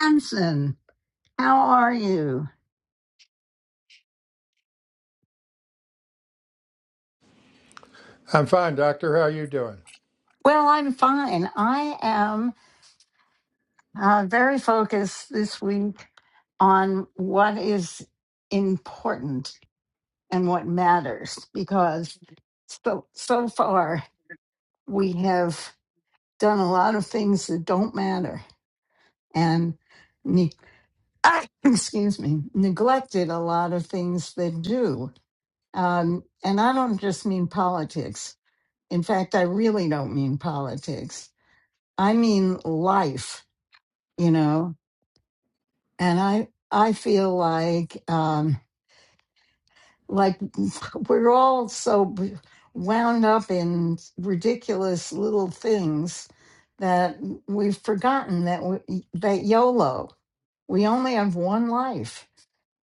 Hanson, how are you? I'm fine, doctor. How are you doing? Well, I'm fine. I am uh, very focused this week on what is important and what matters because so, so far we have done a lot of things that don't matter and ne- excuse me neglected a lot of things that do um, and i don't just mean politics in fact i really don't mean politics I mean life, you know. And I I feel like um like we're all so wound up in ridiculous little things that we've forgotten that we, that YOLO. We only have one life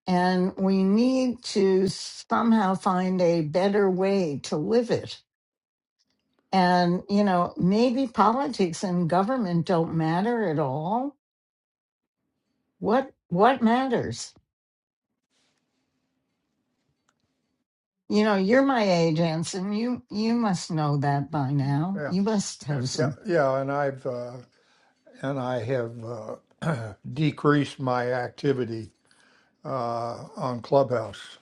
and we need to somehow find a better way to live it. And you know, maybe politics and government don't matter at all. What what matters? You know, you're my age, Anson. You you must know that by now. Yeah, You must have yeah, some. yeah. And I've uh, and I have uh, decreased my activity uh, on Clubhouse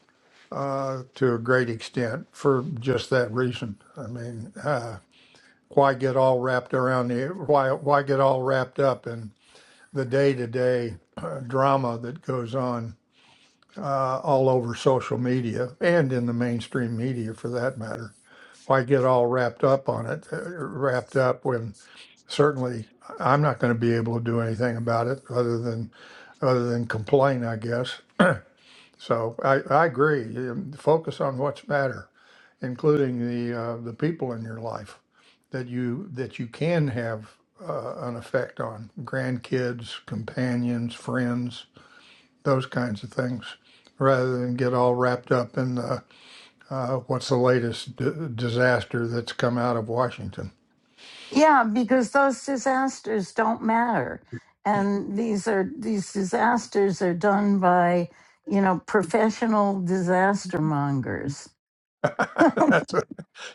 uh, to a great extent for just that reason. I mean, uh, why get all wrapped around the why why get all wrapped up in the day to day drama that goes on uh, all over social media and in the mainstream media for that matter? Why get all wrapped up on it? uh, Wrapped up when certainly I'm not going to be able to do anything about it other than other than complain, I guess. So I, I agree. Focus on what's matter, including the uh, the people in your life that you that you can have uh, an effect on grandkids, companions, friends, those kinds of things, rather than get all wrapped up in the, uh, what's the latest d- disaster that's come out of Washington. Yeah, because those disasters don't matter. And these are these disasters are done by, you know, professional disaster mongers. That's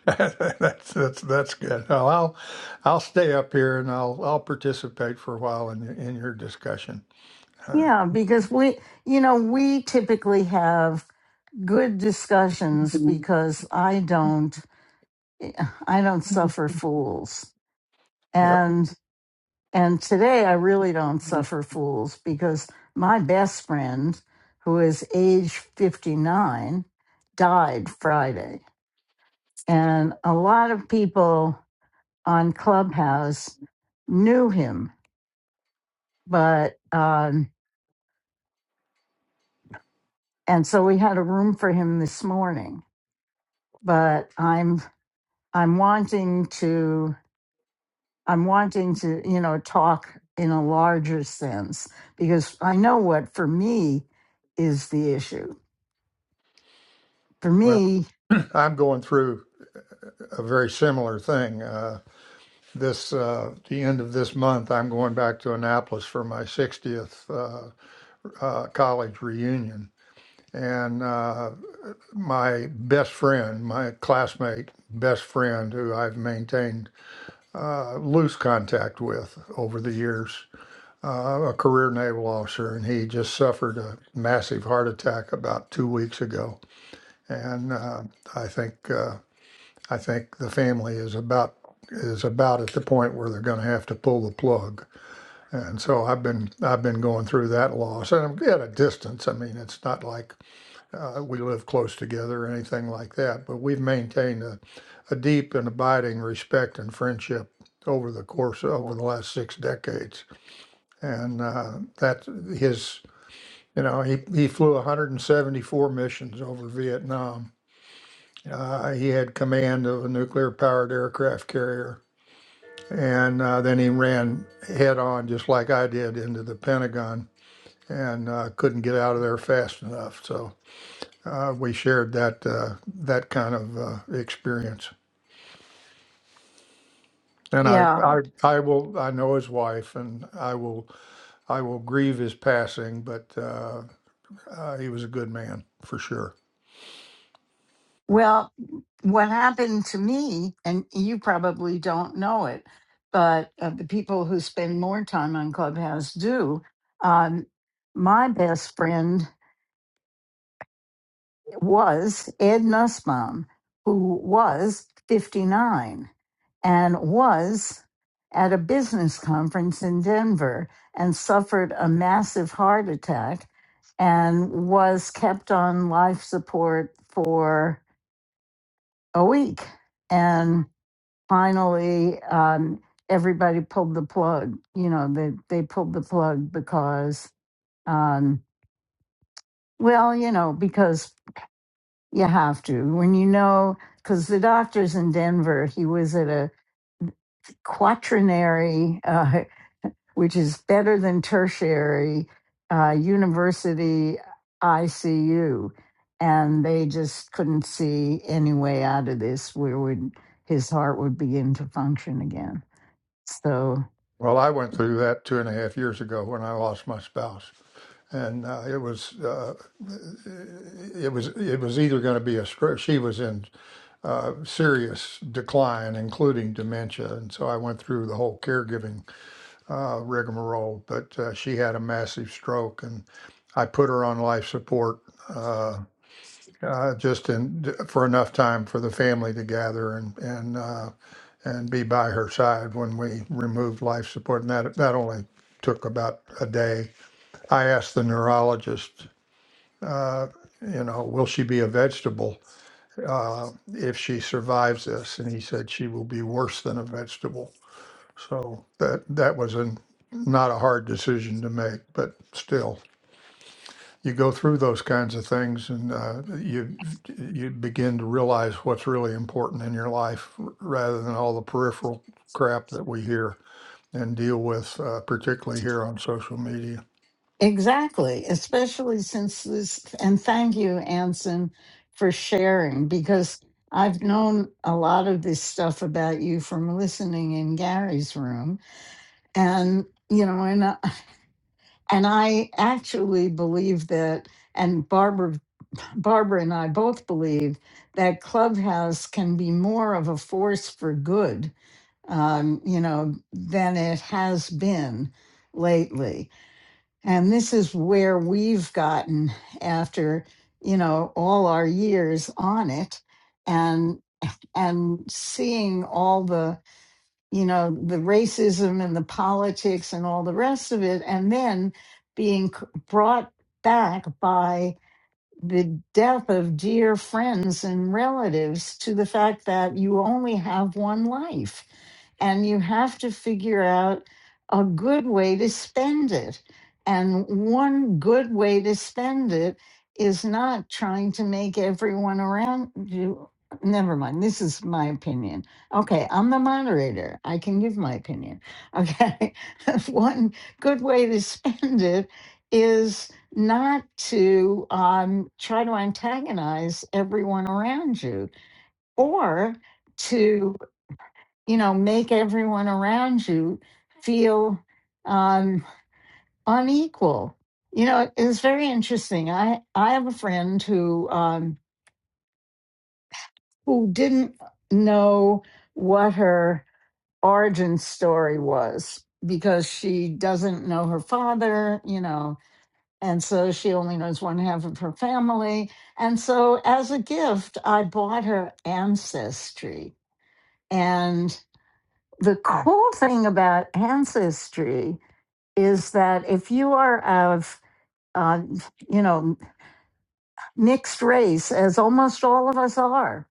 that's that's that's good. Well, I'll I'll stay up here and I'll I'll participate for a while in in your discussion. Uh, Yeah, because we you know, we typically have good discussions because I don't I don't suffer fools. yep. And today I really don't suffer fools because my best friend, who is age 59, died Friday. And a lot of people on Clubhouse knew him, but, um, and so we had a room for him this morning. But I'm, I'm wanting to, I'm wanting to, you know, talk in a larger sense because I know what for me is the issue. For Well, me, I'm going through a very similar thing. Uh, this uh, the end of this month, I'm going back to Annapolis for my 60th uh, uh, college reunion, and uh, my best friend, my classmate, best friend, who I've maintained uh, lose contact with over the years, uh, a career naval officer, and he just suffered a massive heart attack about two weeks ago. And uh, I think uh, I think the family is about is about at the point where they're going to have to pull the plug. And so I've been I've been going through that loss, and I'm at a distance. I mean, it's not like uh, we live close together or anything like that, but we've maintained a, a deep and abiding respect and friendship over the course over the last six decades. And uh, that his, you know, he, he flew 174 missions over Vietnam. Uh, he had command of a nuclear powered aircraft carrier. And uh, then he ran head on, just like I did, into the Pentagon and uh, couldn't get out of there fast enough. so. uh, we shared that uh, that kind of uh, experience. And I, Yeah. I, I will. I know his wife, and I will. I will grieve his passing, but uh, uh, he was a good man for sure. Well, what happened to me, and you probably don't know it, but uh, the people who spend more time on Clubhouse do. Um, my best friend was Ed Nussbaum, who was 59 and was at a business conference in Denver and suffered a massive heart attack and was kept on life support for a week. And finally, um, everybody pulled the plug. You know, they, they pulled the plug because, um, well, you know, because you have to. When you know, because the doctor's in Denver, he was at a quaternary, uh, which is better than tertiary, uh, university ICU. And they just couldn't see any way out of this where would his heart would begin to function again. So Well, I went through that two and a half years ago when I lost my spouse, and uh, it was uh, it was it was either going to be a stroke. She was in uh, serious decline, including dementia, and so I went through the whole caregiving uh, rigmarole, but uh, she had a massive stroke, and I put her on life support uh, uh, just in for enough time for the family to gather and and uh, and be by her side when we removed life support, and that that only took about a day. I asked the neurologist, uh, you know, will she be a vegetable? Uh, if she survives this, and he said she will be worse than a vegetable. So that that was an, not a hard decision to make, but still, you go through those kinds of things, and uh, you you begin to realize what's really important in your life, r- rather than all the peripheral crap that we hear and deal with, uh, particularly here on social media. exactly, especially since this and thank you, Anson, for sharing because I've known a lot of this stuff about you from listening in Gary's room. And you know, and I, And I actually believe that, and Barbara, Barbara and I both believe that Clubhouse can be more of a force for good, um, you know, than it has been lately. And this is where we've gotten after, you know, all our years on it, and and seeing all the you know the racism and the politics and all the rest of it and then being c- brought back by the death of dear friends and relatives to the fact that you only have one life and you have to figure out a good way to spend it. And one good way to spend it is not trying to make everyone around you. Never mind. This is my opinion. Okay, I'm the moderator. I can give my opinion. Okay. one good way to spend it is not to um, try to antagonize everyone around you or to, you know, make everyone around you feel um, unequal. You know, it's very interesting. I, I have a friend who um, who didn't know what her origin story was because she doesn't know her father, you know, And so she only knows one half of her family. And so, as a gift, I bought her Ancestry. And the cool thing about Ancestry is that if you are of, uh, you know, mixed race, as almost all of us are,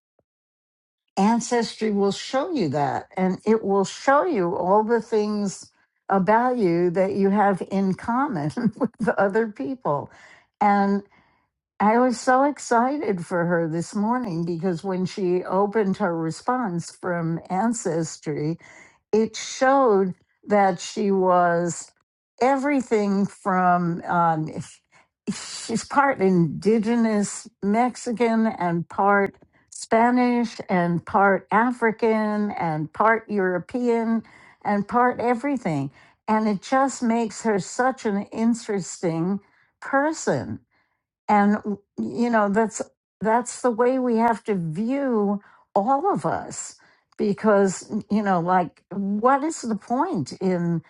Ancestry will show you that. And it will show you all the things about you that you have in common with other people. and. I was so excited for her this morning because when she opened her response from Ancestry, it showed that she was everything from, um, she's part indigenous Mexican and part Spanish and part African and part European and part everything. And it just makes her such an interesting person and you know that's that's the way we have to view all of us because you know like what is the point in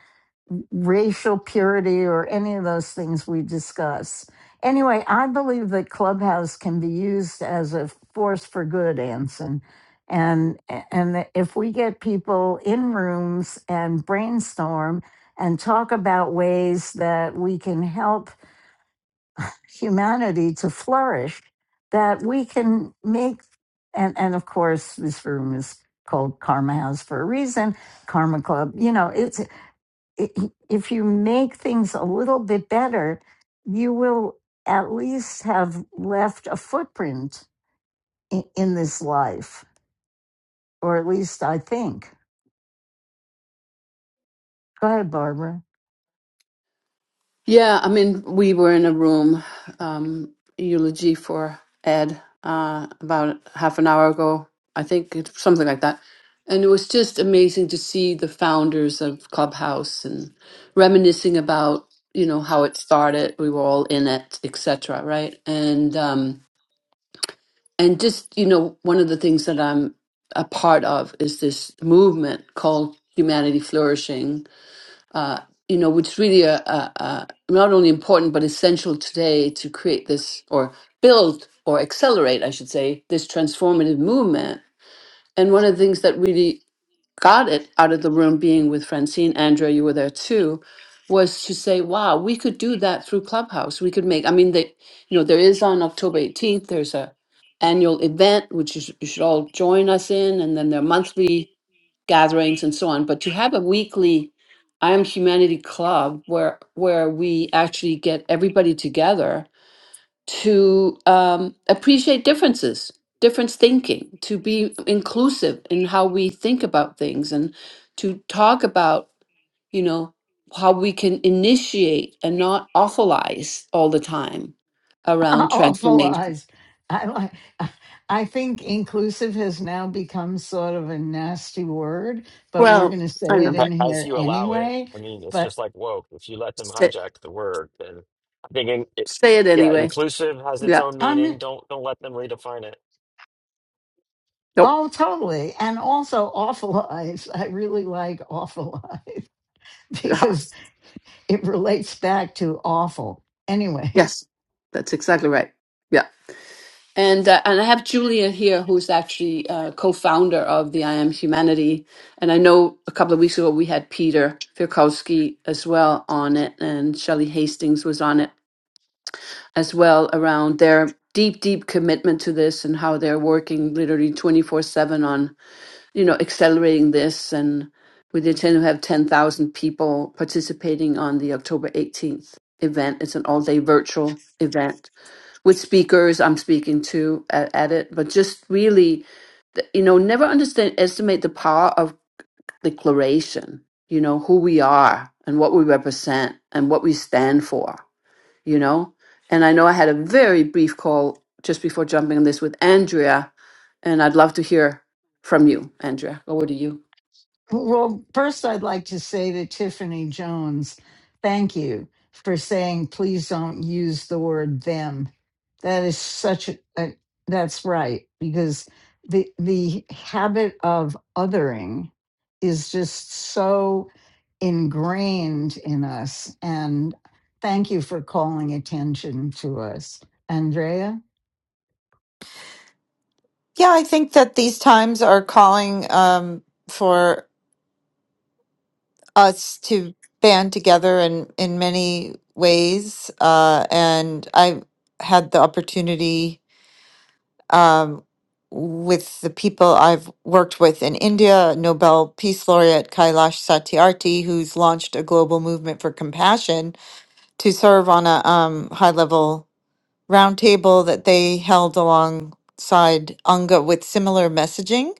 racial purity or any of those things we discuss anyway i believe that clubhouse can be used as a force for good anson and and if we get people in rooms and brainstorm and talk about ways that we can help humanity to flourish that we can make and and of course this room is called karma house for a reason karma club you know it's it, if you make things a little bit better you will at least have left a footprint in, in this life or at least i think go ahead barbara Yeah, I mean, we were in a room, um, eulogy for Ed, uh, about half an hour ago, I think, it's something like that. And it was just amazing to see the founders of Clubhouse and reminiscing about, you know, how it started. We were all in it, etc. Right? And um, and just you know, one of the things that I'm a part of is this movement called Humanity Flourishing, uh, you know, which really are, uh, uh, not only important but essential today to create this or build or accelerate, I should say, this transformative movement. And one of the things that really got it out of the room, being with Francine, Andrea, you were there too, was to say, "Wow, we could do that through Clubhouse. We could make. I mean, they, you know, there is on October eighteenth. There's a annual event which you, sh- you should all join us in, and then there are monthly." gatherings and so on. But to have a weekly I Am Humanity Club where where we actually get everybody together to um, appreciate differences, difference thinking, to be inclusive in how we think about things, and to talk about you know how we can initiate and not awfulize all the time around Awful transformation. eyes. I like. I think inclusive has now become sort of a nasty word, but we're Well, going to I say it know. in a- as here you allow it. anyway. I mean, it's But just like woke. If you let them Say, hijack the word, then I think in, it, say it yeah, anyway. inclusive has its Yeah. own I'm meaning. Don't don't let them redefine it. Nope. oh totally, and also awful eyes. I really like awful eyes because it relates back to awful. Anyway, Yes, that's exactly right. Yeah. And uh, and I have Julia here, who's actually uh, co-founder of the I Am Humanity. And I know a couple of weeks ago we had Peter Firkowski as well on it, and Shelley Hastings was on it as well around their deep, deep commitment to this and how they're working literally twenty four seven on you know accelerating this and. We intend to have 10,000 people participating on the October 18th event. It's an all day virtual event with speakers I'm speaking to at, at it, but just really, th- you know, never understand estimate the power of declaration. You know who we are and what we represent and what we stand for. You know, and I know I had a very brief call just before jumping on this with Andrea, and I'd love to hear from you, Andrea. Over to you. Well, first, I'd like to say to Tiffany Jones, thank you for saying, please don't use the word them. That is such a, a- that's right, because the, the habit of othering is just so ingrained in us. And thank you for calling attention to us. Andrea? Yeah, I think that these times are calling um, for us to band together in, in many ways. Uh, and I had the opportunity um, with the people I've worked with in India, Nobel Peace Laureate Kailash Satyarthi, who's launched a global movement for compassion, to serve on a um, high level roundtable that they held alongside UNGA with similar messaging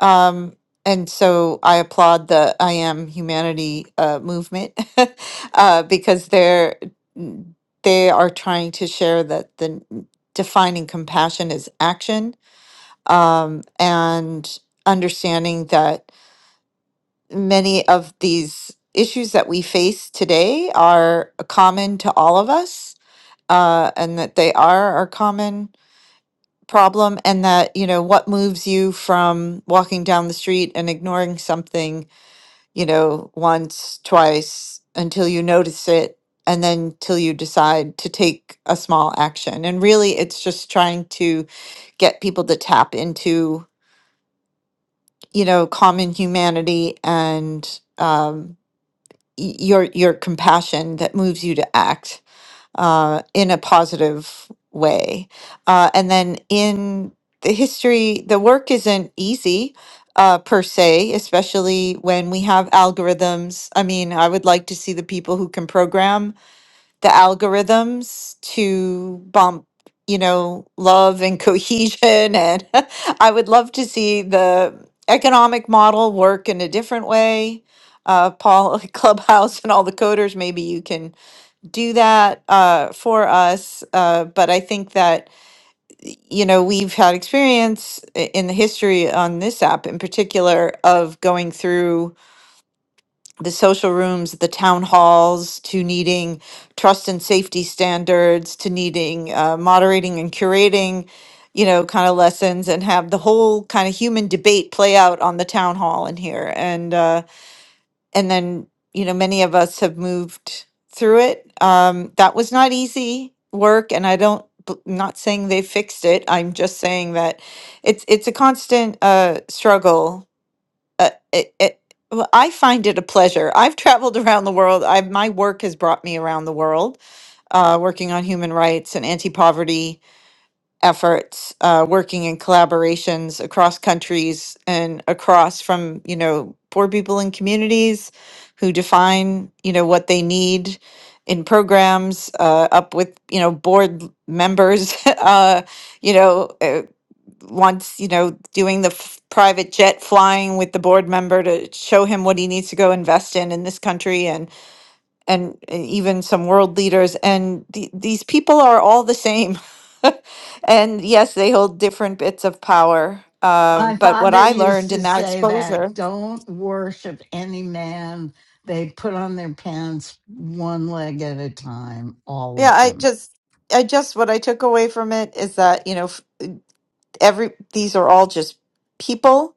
Um, and so I applaud the I Am Humanity uh, movement uh, because they're n- they are trying to share that the n- defining compassion is action um, and understanding that many of these issues that we face today are common to all of us uh, and that they are our common problem and that you know what moves you from walking down the street and ignoring something you know, once, twice, until you notice it, and then till you decide to take a small action. And really, it's just trying to get people to tap into, you know, common humanity and um, y- your your compassion that moves you to act uh, in a positive way. Uh, and then in the history, the work isn't easy uh, per se, especially when we have algorithms. I mean, I would like to see the people who can program the algorithms to bump. You know, love and cohesion. And I would love to see the economic model work in a different way. Uh, Paul, Clubhouse, and all the coders, maybe you can do that uh, for us. Uh, but I think that, y- you know, we've had experience i- in the history on this app in particular of going through the social rooms, the town halls, to needing trust and safety standards, to needing uh, moderating and curating. You know, kind of lessons and have the whole kind of human debate play out on the town hall in here. And, uh, and then you know many of us have moved through it um that was not easy work and i don't b- not saying they fixed it i'm just saying that it's it's a constant uh struggle uh, it, it, well, I find it a pleasure. I've traveled around the world. I, my work has brought me around the world, uh, working on human rights and anti poverty efforts, uh, working in collaborations across countries and across from, you know, poor people in communities who define, you know, what they need in programs, uh, up with, you know, board l- members, uh, you know, uh, once, you know, doing the f- private jet flying with the board member to show him what he needs to go invest in in this country and and even some world leaders and the, these people are all the same and yes they hold different bits of power um, My but what father i used learned in to that say exposure that don't worship any man. They put on their pants one leg at a time, all yeah of i them. just i just what i took away from it is that you know f- every these are all just people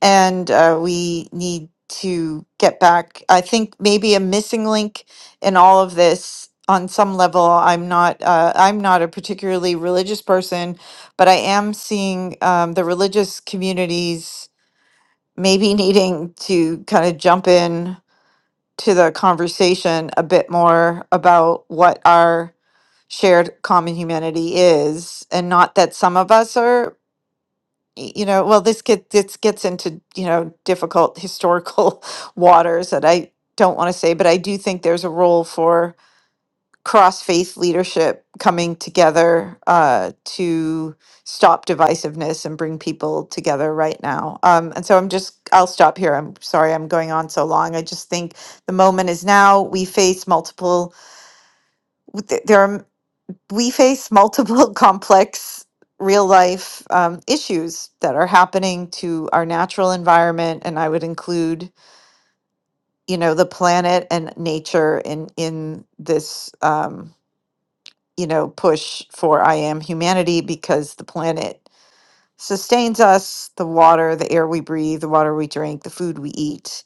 and uh, we need to get back. I think maybe a missing link in all of this. On some level, I'm not. Uh, I'm not a particularly religious person, but I am seeing um, the religious communities maybe needing to kind of jump in to the conversation a bit more about what our shared common humanity is, and not that some of us are y- you know, well, this get this gets into, you know, difficult historical waters that I don't want to say, but I do think there's a role for cross-faith leadership coming together uh, to stop divisiveness and bring people together right now. Um, and so I'm just, I'll stop here. I'm sorry I'm going on so long. I just think the moment is now. We face multiple we face multiple complex real life um, issues that are happening to our natural environment and i would include you know the planet and nature in in this um, you know push for i am humanity because the planet sustains us the water the air we breathe the water we drink the food we eat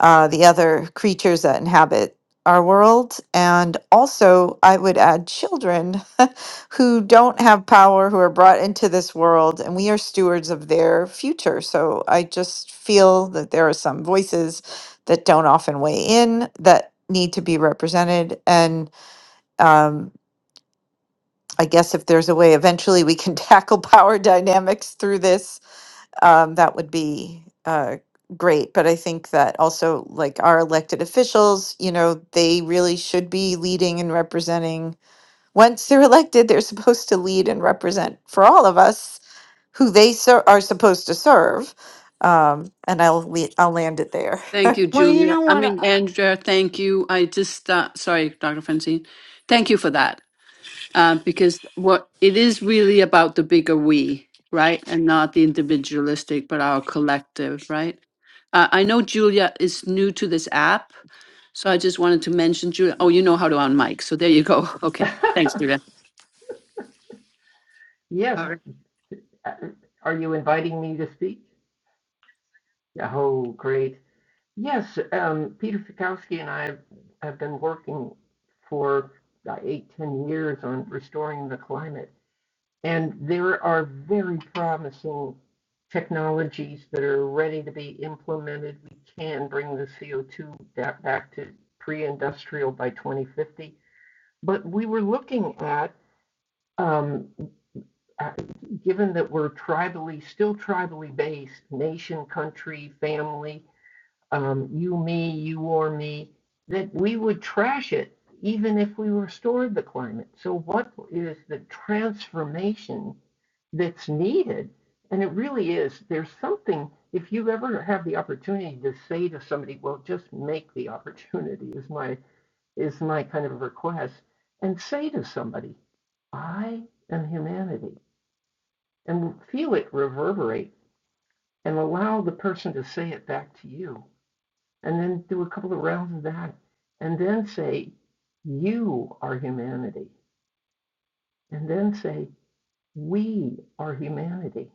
uh, the other creatures that inhabit our world. And also, I would add children who don't have power, who are brought into this world, and we are stewards of their future. So I just feel that there are some voices that don't often weigh in that need to be represented. And um, I guess if there's a way eventually we can tackle power dynamics through this um, that would be uh, great. But I think that also, like our elected officials, you know, they really should be leading and representing. Once they're elected, they're supposed to lead and represent for all of us who they ser- are supposed to serve. Um, and I'll le- I'll land it there. Thank you, Well, you Julia. know I what? mean, Uh, Andrea, thank you. I just uh, sorry, Dr. Francine. Thank you for that. um, because what it is really about the bigger we, right, and not the individualistic, but our collective, right. Uh, I know Julia is new to this app, so I just wanted to mention Julia. Oh, you know how to on mic, so there you go. Okay, thanks, Julia. Yes. All right. Uh, Are you inviting me to speak? Oh, great. Yes, um, Peter Fikowski and I have, have been working for about eight, ten years on restoring the climate. And there are very promising technologies that are ready to be implemented. We can bring the CO2 back to pre industrial by 2050. But we were looking at um, uh, given that we're tribally, still tribally based, nation, country, family, um, you, me, you or me, that we would trash it even if we restored the climate. So, what is the transformation that's needed? And it really is. There's something, if you ever have the opportunity to say to somebody, well, just make the opportunity, is my, is my kind of request, and say to somebody, I am humanity and feel it reverberate and allow the person to say it back to you. And then do a couple of rounds of that and then say, You are humanity. And then say, We are humanity.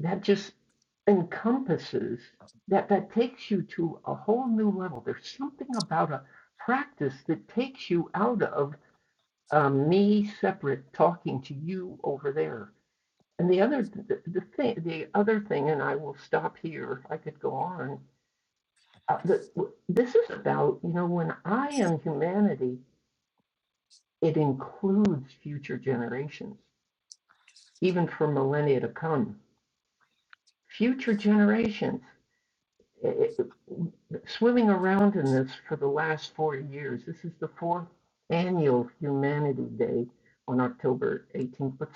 That just encompasses that that takes you to a whole new level. There's something about a practice that takes you out of uh, me separate talking to you over there And the other, the, the thing, the other thing, and I will stop here. I could go on. Uh, the, this is about, you know, when I am humanity, it includes future generations, even for millennia to come. Future generations. It- it- swimming around in this for the last 40 years. This is the fourth annual Humanity Day on October 18th. But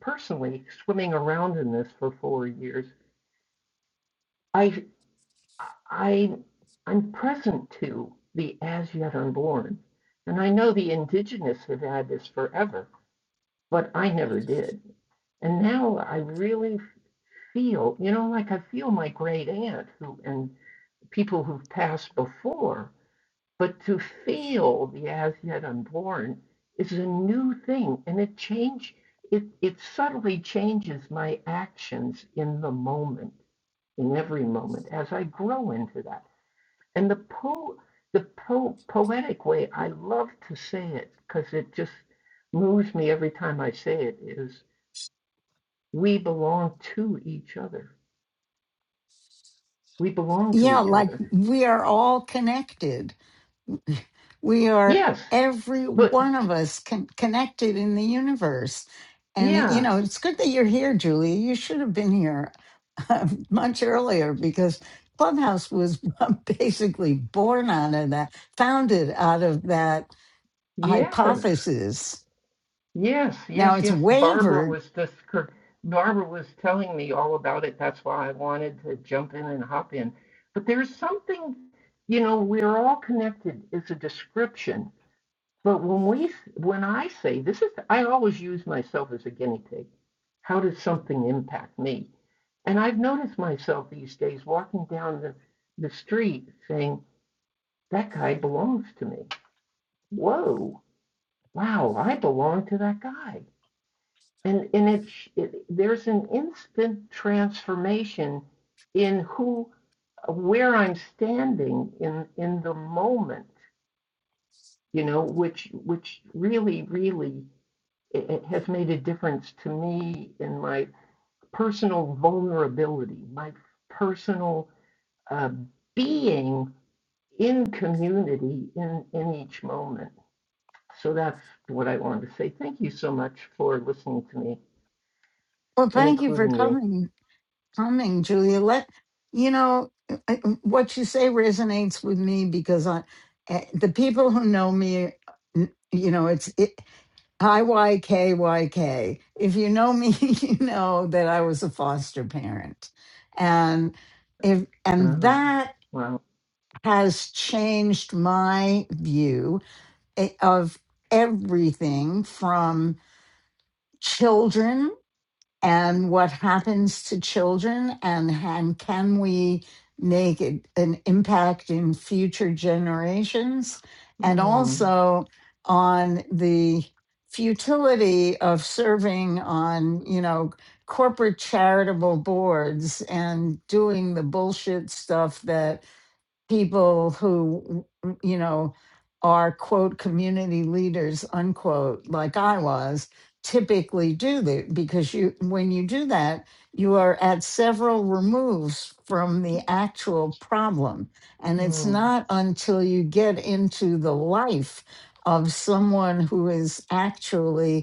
personally, swimming around in this for four years. I. I, I'm present to the as yet unborn. And I know the indigenous have had this forever, but I never did. And now I really feel, you know, like I feel my great aunt who and people who've passed before, but to feel the as yet unborn is a new thing and it change it, it subtly changes my actions in the moment, in every moment, as I grow into that and the po the po poetic way I love to say it because it just moves me every time I say it is we belong to each other. We belong to Yeah, each like other. we are all connected. We are Yes, every but one of us con- connected in the universe. And, you yeah, know, it's good that you're here, Julie. You should have been here um, much earlier because Clubhouse was basically born out of that, founded out of that yes, hypothesis. yes, Now yes, it's yes. Barbara wavered. was this Barbara was telling me all about it. That's why I wanted to jump in and hop in. But there's something, you know, we're all connected is a description But when we, when I say this is, I always use myself as a guinea pig. How does something impact me? And I've noticed myself these days walking down the, the street saying, that guy belongs to me. Whoa, wow, I belong to that guy. And, and it, it, there's an instant transformation in who, where I'm standing in, in the moment, you know, which, which really, really it, it has made a difference to me in my personal vulnerability, my personal uh, being in community in, in each moment. So that's what I wanted to say. Thank you so much for listening to me Well, and thank you for including me. coming coming, Julia. Let you know I- what you say resonates with me because I, eh, the people who know me, n- you know, it's it, I Y K Y K. If you know me, you know that I was a foster parent, and if and Uh, that wow. has changed my view eh, of everything from children and what happens to children and, and can we make it an impact in future generations and Mm, also on the futility of serving on you know corporate charitable boards and doing the bullshit stuff that people who you know are quote community leaders unquote like i was typically do that because you when you do that you are at several removes from the actual problem and it's mm, not until you get into the life of someone who is actually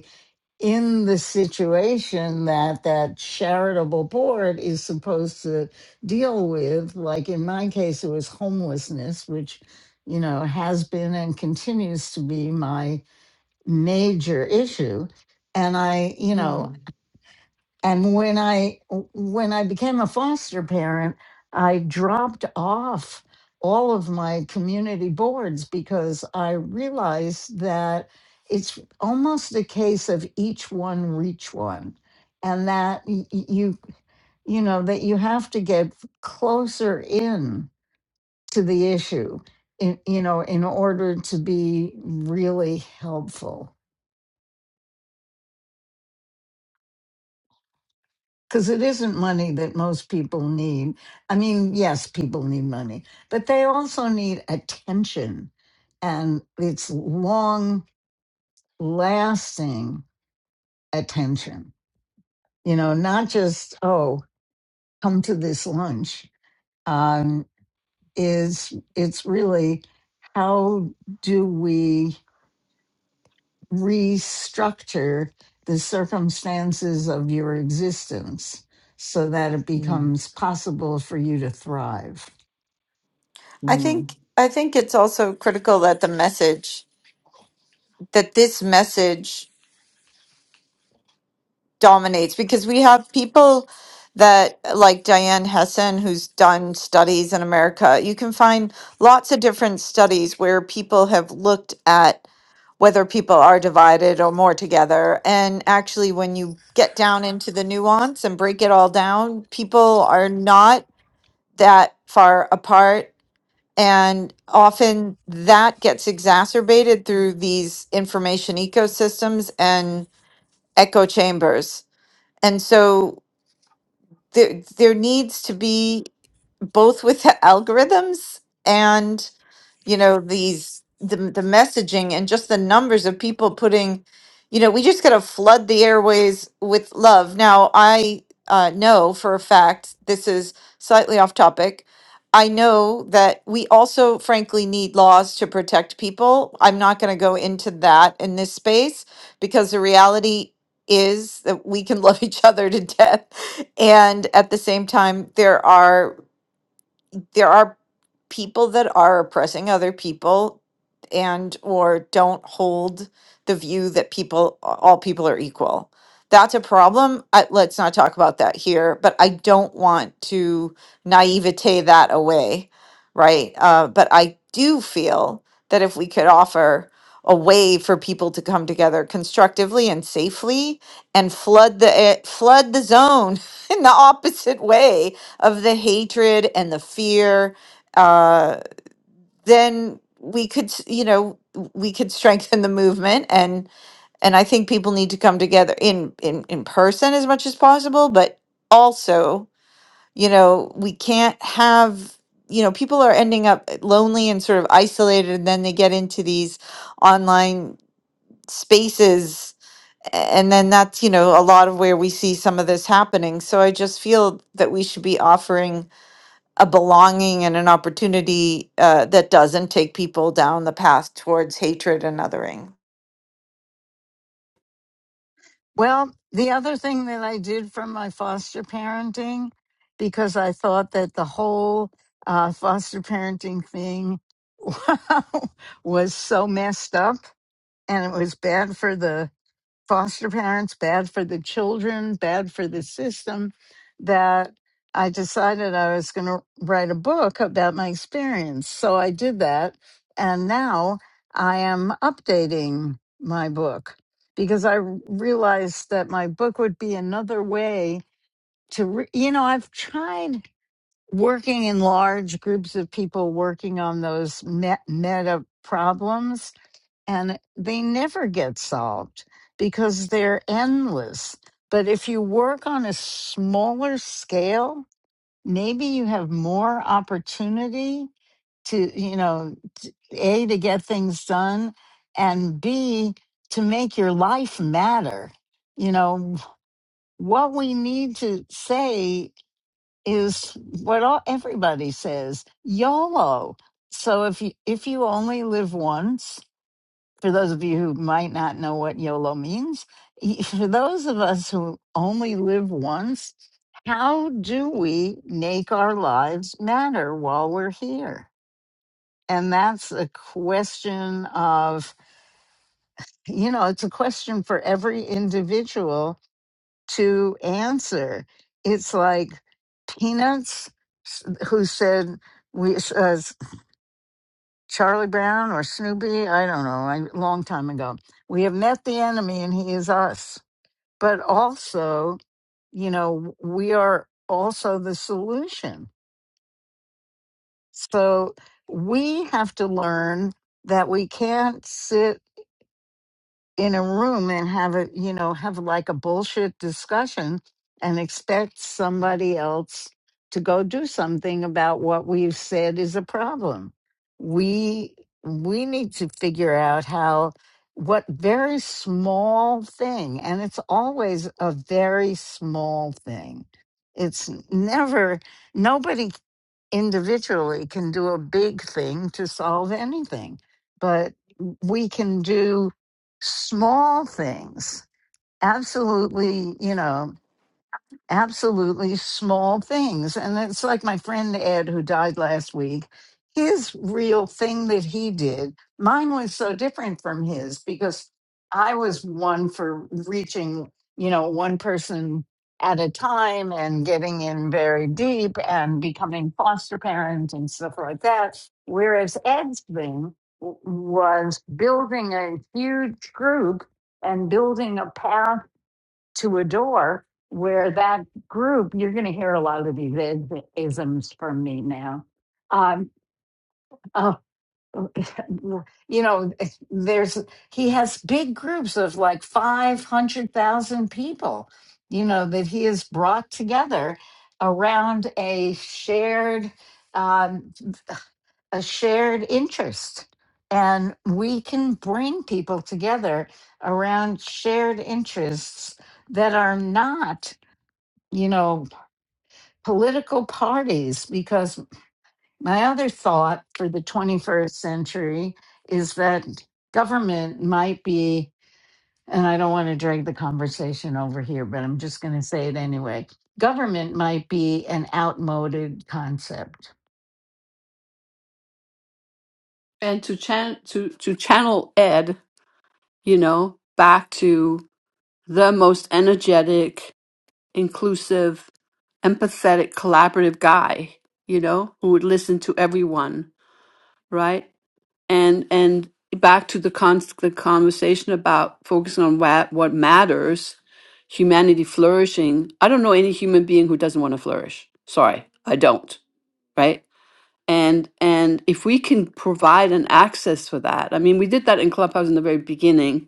in the situation that that charitable board is supposed to deal with like in my case it was homelessness which you know has been and continues to be my major issue and i you know mm, and when i when i became a foster parent i dropped off all of my community boards because i realized that it's almost a case of each one reach one and that y- y- you you know that you have to get closer in to the issue in, you know in order to be really helpful because it isn't money that most people need. I mean, yes, people need money, but they also need attention, and it's long lasting attention, you know, not just, oh, come to this lunch. Um, is it's really how do we restructure the circumstances of your existence so that it mm, becomes possible for you to thrive? I mm. think I think it's also critical that the message that this message dominates because we have people that like Diane Hessen who's done studies in America. You can find lots of different studies where people have looked at whether people are divided or more together and actually when you get down into the nuance and break it all down, people are not that far apart and often that gets exacerbated through these information ecosystems and echo chambers. And so there there needs to be both with the algorithms and you know these the, the messaging and just the numbers of people putting you know we just got to flood the airways with love now i uh, know for a fact this is slightly off topic i know that we also frankly need laws to protect people i'm not going to go into that in this space because the reality is that we can love each other to death and at the same time there are there are people that are oppressing other people and or don't hold the view that people all people are equal that's a problem I, let's not talk about that here but i don't want to naivete that away right uh, but i do feel that if we could offer a way for people to come together constructively and safely and flood the eh, flood the zone in the opposite way of the hatred and the fear, uh, then we could, s- you know, we could strengthen the movement, and and I think people need to come together in in in person as much as possible, but also, you know, we can't have. You know, people are ending up lonely and sort of isolated, and then they get into these online spaces. And then that's, you know, a lot of where we see some of this happening. So I just feel that we should be offering a belonging and an opportunity uh, that doesn't take people down the path towards hatred and othering. Well, the other thing that I did from my foster parenting, because I thought that the whole uh, foster parenting thing was so messed up and it was bad for the foster parents, bad for the children, bad for the system, that I decided I was going to write a book about my experience. So I did that. And now I am updating my book because I r- realized that my book would be another way to, re- you know, I've tried working in large groups of people working on those me- meta problems and they never get solved because they're endless. But if you work on a smaller scale, maybe you have more opportunity to, you know, t- A, to get things done, and B, to make your life matter. You know, what we need to say is what all, everybody says YOLO. So if you, if you only live once, for those of you who might not know what YOLO means, y- for those of us who only live once, how do we make our lives matter while we're here? And that's a question of, you know, it's a question for every individual to answer. It's like Peanuts, s- who said, we, uh, Charlie Brown or Snoopy, I don't know, a long time ago. We have met the enemy and he is us. But also, you know, we are also the solution. So we have to learn that we can't sit in a room and have a you know have like a bullshit discussion and expect somebody else to go do something about what we've said is a problem we we need to figure out how what very small thing and it's always a very small thing it's never nobody individually can do a big thing to solve anything, but we can do small things. Absolutely, you know, absolutely small things. And it's like my friend Ed, who died last week, his real thing that he did, mine was so different from his because I was one for reaching, you know, one person at a time and getting in very deep and becoming foster parent and stuff like that. Whereas Ed's thing w- was building a huge group and building a path to a door where that group, you're going to hear a lot of these is- isms from me now. Um, oh, you know, there's he has big groups of like 500,000 people, you know, that he has brought together around a shared um, a shared interest. And we can bring people together around shared interests that are not you know, political parties. Because my other thought for the 21st century is that government might be, and I don't want to drag the conversation over here, but I'm just going to say it anyway government might be an outmoded concept. And to chan to to channel Ed, you know, back to the most energetic, inclusive, empathetic, collaborative guy, you know, who would listen to everyone, right? and and back to the, con- the conversation about focusing on what what matters humanity flourishing i don't know any human being who doesn't want to flourish sorry i don't right and and if we can provide an access for that i mean we did that in clubhouse in the very beginning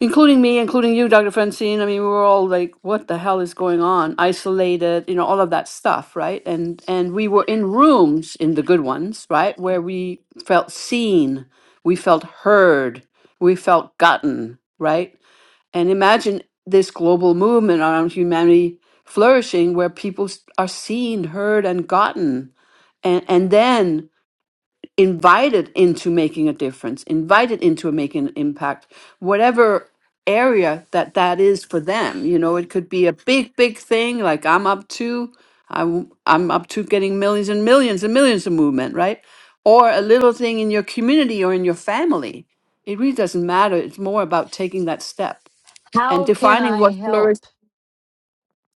including me, including you, Dr. Francine. I mean, we were all like, "What the hell is going on?" Isolated, you know, all of that stuff, right? And and we were in rooms in the good ones, right, where we felt seen, we felt heard, we felt gotten, right? And imagine this global movement around humanity flourishing, where people s- are seen, heard, and gotten, and and then invited into making a difference, invited into making an impact, whatever area that that is for them. You know, it could be a big, big thing like I'm up to, I'm, I'm up to getting millions and millions and millions of movement, right? Or a little thing in your community or in your family. It really doesn't matter. It's more about taking that step and How can defining I what flourish. help?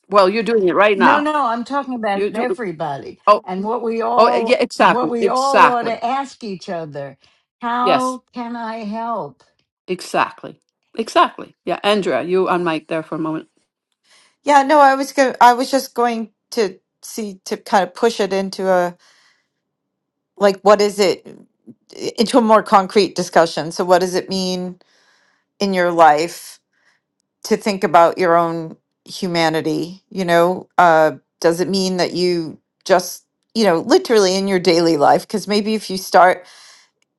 Well, you're doing it right No, now. no, I'm talking about You do. everybody Oh, and what we oh, yeah, all what exactly, we all ought exactly. to ask each other. Yes. How can I help? Exactly. Exactly. Yeah, Andrea, you on mic there for a moment. Yeah, no, I was go- I was just going to see to kind of push it into a like what is it into a more concrete discussion. So what does it mean in your life to think about your own humanity? You know, uh, does it mean that you just you know literally in your daily life because maybe if you start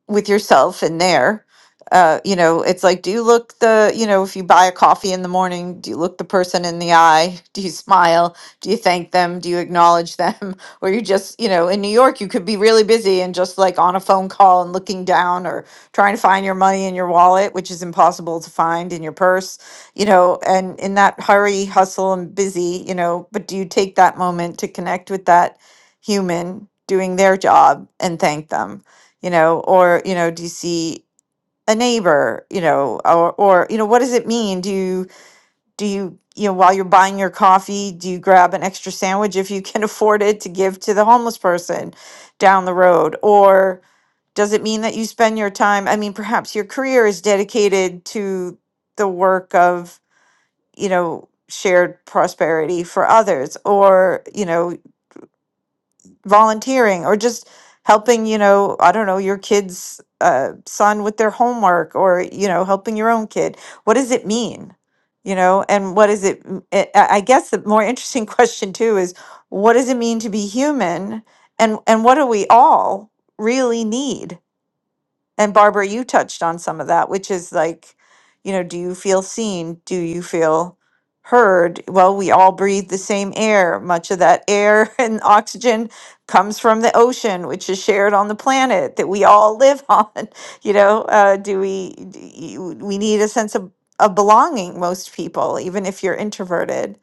with yourself in there. Uh, you know, it's like, do you look the, you know, if you buy a coffee in the morning, do you look the person in the eye? Do you smile? Do you thank them? Do you acknowledge them? Or you just, you know, in New York, you could be really busy and just like on a phone call and looking down or trying to find your money in your wallet, which is impossible to find in your purse, you know, and in that hurry, hustle, and busy, you know, but do you take that moment to connect with that human doing their job and thank them? you know or you know do you see a neighbor you know or or you know what does it mean do you do you you know while you're buying your coffee do you grab an extra sandwich if you can afford it to give to the homeless person down the road or does it mean that you spend your time i mean perhaps your career is dedicated to the work of you know shared prosperity for others or you know volunteering or just helping, you know, I don't know, your kid's uh, son with their homework or, you know, helping your own kid. What does it mean? You know, and what is it? m- I I- I guess the more interesting question too is what does it mean to be human and and what do we all really need? And Barbara, you touched on some of that, which is like, you know, do you feel seen? Do you feel heard? Well, we all breathe the same air. Much of that air and oxygen comes from the ocean, which is shared on the planet that we all live on. You know, uh, do we, d- you- we need a sense of, of belonging, most people, even if you're introverted.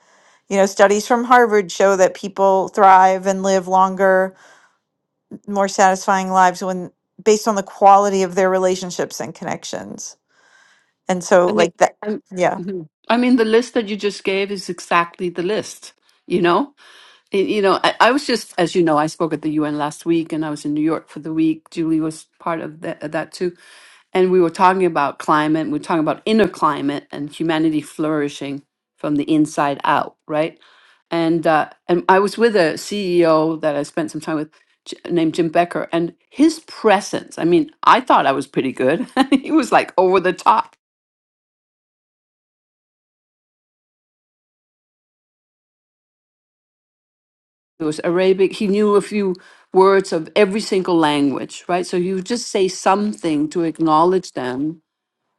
You know, studies from Harvard show that people thrive and live longer more satisfying lives when based on the quality of their relationships and connections. And so I mean, like that I'm, yeah. mhm. I mean, the list that you just gave is exactly the list. You know, Y- you know, I, I was just, as you know, I spoke at the UN last week, and I was in New York for the week. Julie was part of that, that too. and we were talking about climate we were talking about inner climate and humanity flourishing from the inside out right and uh, and i was with a ceo that i spent some time with J- named jim becker and his presence i mean i thought i was pretty good he was like over the top it was arabic he knew a few words of every single language right so he would just say something to acknowledge them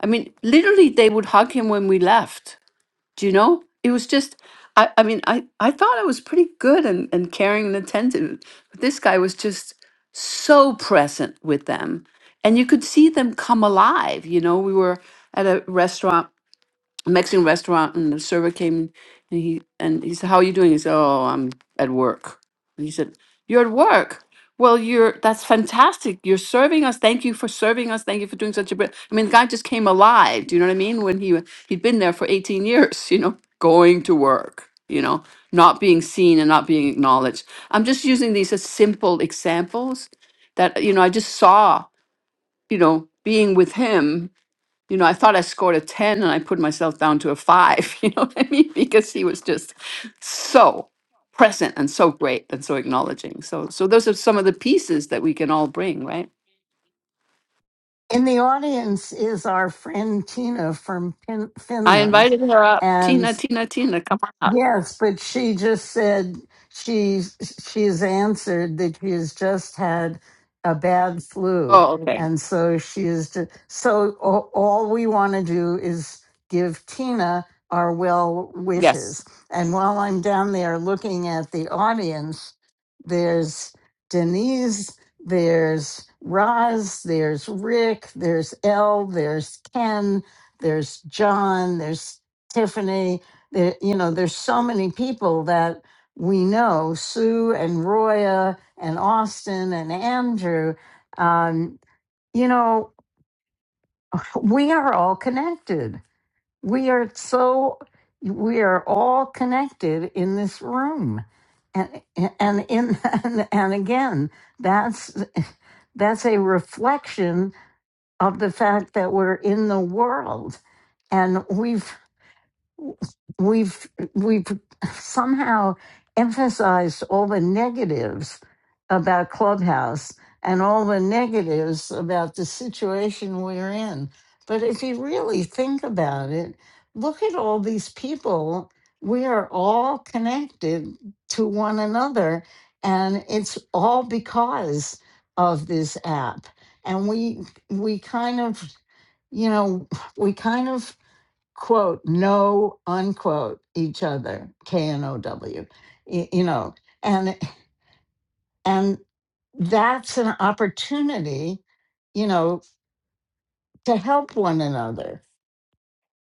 i mean literally they would hug him when we left Do you know? It was just, I, I mean, I, I thought I was pretty good and, and caring and attentive, but this guy was just so present with them. And you could see them come alive. You know, we were at a restaurant Mexican restaurant, and the server came and he and he said, "How are you doing?" He said, "Oh, I'm at work." And he said, "You're at work? Well, you're that's fantastic. You're serving us. Thank you for serving us. Thank you for doing such a br-" I mean, the guy just came alive. Do you know what I mean? When he w- he'd been there for 18 years, you know, going to work, you know, not being seen and not being acknowledged. I'm just using these as simple examples that you know I just saw, you know, being with him you know, I thought I scored a 10 and I put myself down to a five, you know what I mean? Because he was just so present and so great and so acknowledging. So, so those are some of the pieces that we can all bring, right? In the audience is our friend Tina from Pin- I Finland, invited her up. and Tina, Tina, Tina, come on up. Yes, but she just said she's she's answered that she has just had a bad flu, Oh, okay. and so she is. Just, so all, all we want to do is give Tina our well Yes. wishes. And while I'm down there looking at the audience, there's Denise, there's Roz, there's Rick, there's Elle, there's Ken, there's John, there's Tiffany. There, you know, there's so many people that we know, Sue and Roya and Austin and Andrew. Um, you know, we are all connected. We are so we are all connected in this room. And and in and, and again, that's that's a reflection of the fact that we're in the world and we've we've we've somehow emphasized all the negatives about clubhouse and all the negatives about the situation we're in but if you really think about it look at all these people we are all connected to one another and it's all because of this app and we we kind of you know we kind of quote, know, unquote, each other, K N O W, y- you know, and, and that's an opportunity, you know, to help one another.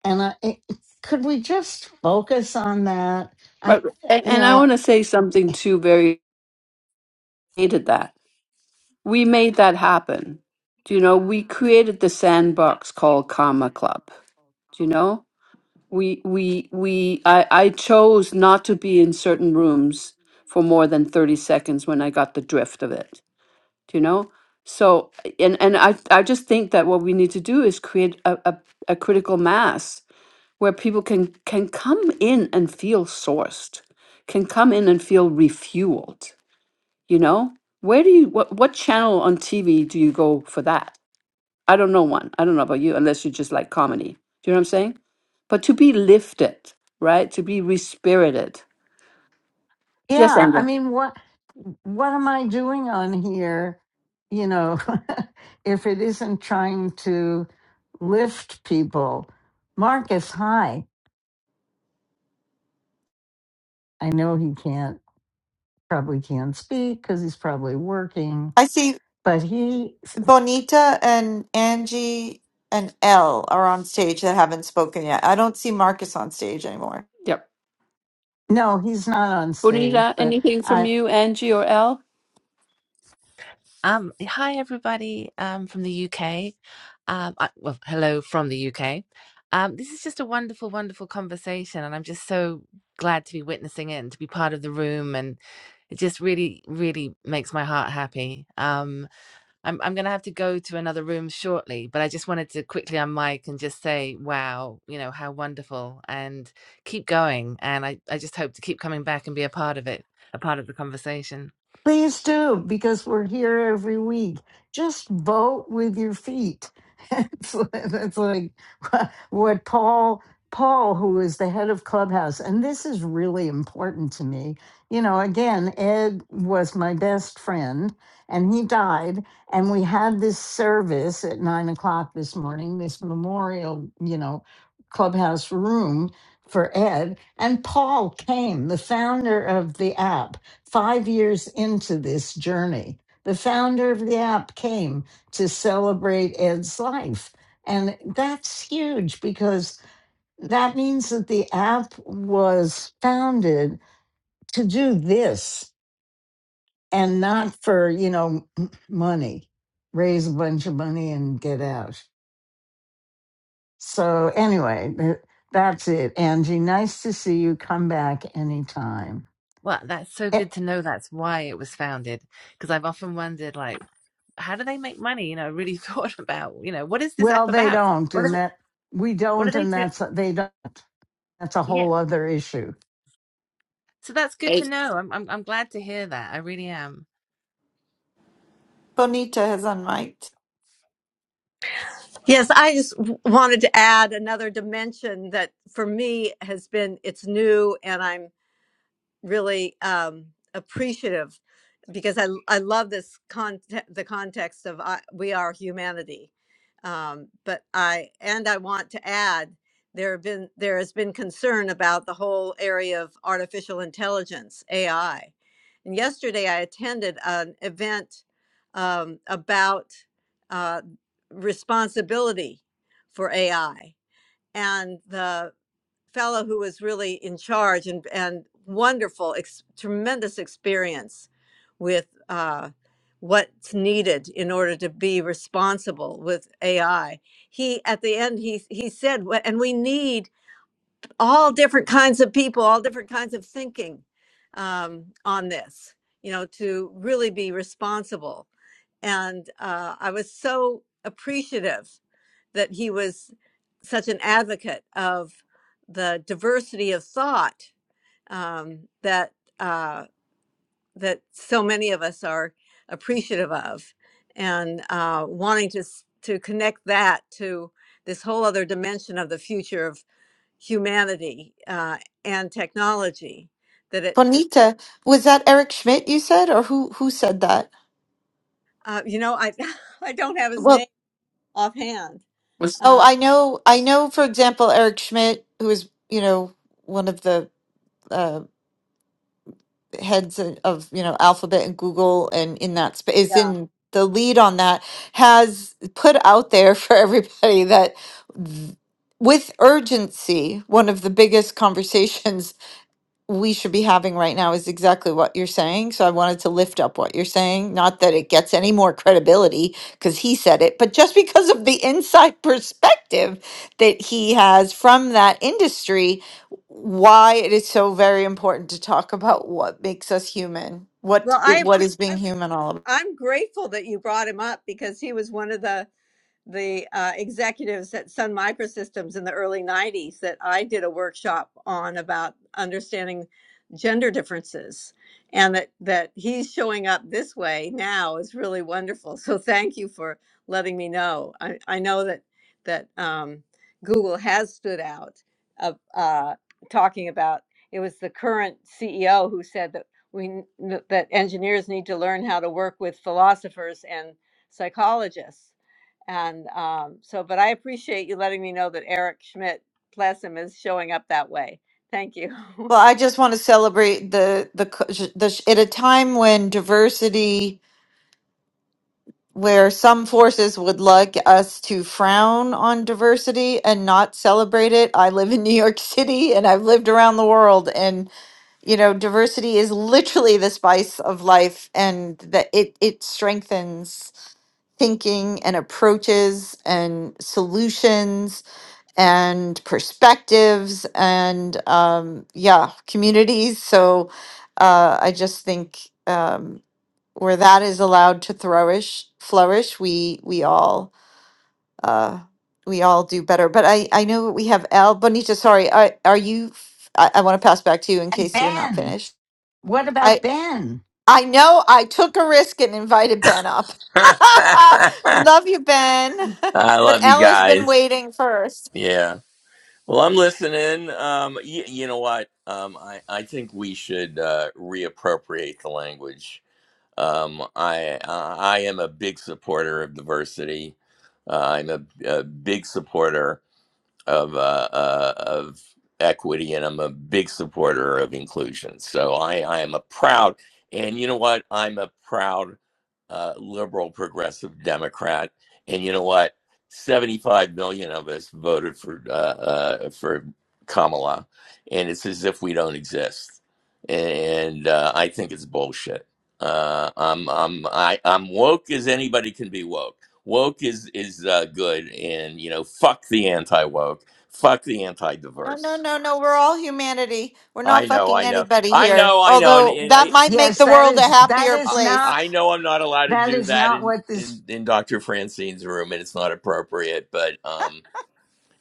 And I, it- could we just focus on that? But, I, and, you and I know, want to say something too, very hated that. We made that happen. Do you know, we created the sandbox called Karma Club. Do you know? we we we I, I chose not to be in certain rooms for more than 30 seconds when I got the drift of it. Do you know? So and and I I just think that what we need to do is create a, a, a critical mass where people can can come in and feel sourced, can come in and feel refueled, you know? Where do you what what channel on TV do you go for that? I don't know one. I don't know about you, unless you just like comedy. Do you know what I'm saying? But to be lifted, right? To be respirited. Yes, yeah. I Andrew. mean, what what am I doing on here? You know, if it isn't trying to lift people. Marcus, hi. I know he can't. probably can't speak because he's probably working. I see But he, Bonita and Angie and Elle are on stage that haven't spoken yet. I don't see Marcus on stage anymore. Yep. no, he's not on stage. Bonita, But anything from I, you, Angie or Al? Um, hi everybody, um, from the UK. Um, I, well, hello from the UK. Um, this is just a wonderful, wonderful conversation, and I'm just so glad to be witnessing it and to be part of the room. And it just really, really makes my heart happy. Um, I'm I'm gonna have to go to another room shortly, but I just wanted to quickly unmic and just say, wow, you know how wonderful, and keep going. And I I just hope to keep coming back and be a part of it, a part of the conversation. Please do, because we're here every week. Just vote with your feet. It's, it's like what Paul, Paul, who is the head of Clubhouse, and this is really important to me. You know, again, Ed was my best friend, and he died, and we had this service at nine o'clock this morning, this memorial, you know, Clubhouse room for Ed, and Paul came, the founder of the app five years into this journey, the founder of the app came to celebrate Ed's life. And that's huge because that means that the app was founded to do this and not for, you know, money, raise a bunch of money and get out. So, anyway, th- that's it. Angie, nice to see you. Come back anytime. Well, that's so Eh, good to know that's why it was founded. Because I've often wondered, like, how do they make money? You know, I really thought about, you know, what is this app Well, they about? don't, What are and they, that we what do don't, they and do? that's they don't. That's a Yeah. whole other issue. So that's good to Hey. know. I'm, I'm, I'm glad to hear that. I really am. Bonita has unmiked. Yes, I just w- wanted to add another dimension that for me has been it's new and I'm really um, appreciative because I I love this con the context of I, we are humanity, um, but I and I want to add there have been there has been concern about the whole area of artificial intelligence AI, and yesterday I attended an event um, about uh, responsibility for AI and the fellow who was really in charge and and wonderful, ex- tremendous experience with uh, what's needed in order to be responsible with AI. He at the end he he said, "Wh- and we need all different kinds of people, all different kinds of thinking um, on this, you know, to really be responsible. And uh, I was so appreciative that he was such an advocate of the diversity of thought um, that uh, that so many of us are appreciative of, and uh, wanting to s- to connect that to this whole other dimension of the future of humanity uh, and technology. That it, it Bonita, was that Eric Schmidt you said or who who said that? uh, you know, I I don't have his Well, name offhand. what's- oh, Uh, I know I know for example Eric Schmidt who is, you know, one of the heads of you know alphabet and google and in that space is yeah. in the lead on that has put out there for everybody that th- with urgency one of the biggest conversations we should be having right now is exactly what you're saying. So I wanted to lift up what you're saying. Not that it gets any more credibility because he said it, but just because of the inside perspective that he has from that industry, why it is so very important to talk about what makes us human, what Well, it- I what appre- is being I'm, human all about. I'm grateful that you brought him up because he was one of the the uh, executives at Sun Microsystems in the early 90s that I did a workshop on about understanding gender differences and that that he's showing up this way now is really wonderful so thank you for letting me know i, I know that that um, google has stood out of uh, talking about it was the current ceo who said that we that engineers need to learn how to work with philosophers and psychologists and um, so, but I appreciate you letting me know that Eric Schmidt Plasm is showing up that way. Thank you. Well, I just want to celebrate the the, cu- the sh- at a time when diversity where some forces would like us to frown on diversity and not celebrate it. I live in New York City and I've lived around the world and you know diversity is literally the spice of life and that it it strengthens thinking and approaches and solutions and perspectives and um, yeah communities so uh, i just think um, where that is allowed to flourish flourish we we all uh we all do better but i i know we have al bonita sorry are, are you f- i, I want to pass back to you in And case you're not Ben, finished what about i Ben? i know i took a risk and invited ben up We I love you ben but love you al has been guys. waiting first Yeah. Well, I'm listening. Um, y- you know what? Um, I, I think we should uh, reappropriate the language. Um, I uh, I am a big supporter of diversity. Uh, I'm a, a big supporter of uh, uh, of equity, and I'm a big supporter of inclusion. So I, I am a proud, and you know what? I'm a proud uh, liberal progressive Democrat, and you know what? 75 million of us voted for uh, uh, for Kamala, and it's as if we don't exist. And uh, I think it's bullshit. Uh, I'm I'm I, I'm woke as anybody can be woke woke is is uh, good and you know fuck the anti woke fuck the anti no no diverse no no we're all humanity we're i not know fucking i know anybody i here know i know and, although and that I, might make Yes, the that world a is that happier I is place not i know i'm not allowed to that do is that not in what in this. in dr francine's room and it's not appropriate but um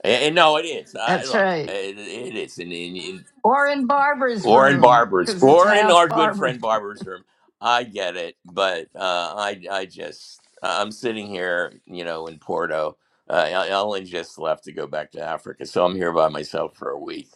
and, and no it is I, That's look right. it, it is and, and, Or in Barbara's or in room barbers because it's or yeah in half our good Barbara. friend barber's room i get it but uh i i just i'm sitting here you know in porto uh, i I only just left to go back to africa so i'm here by myself for a week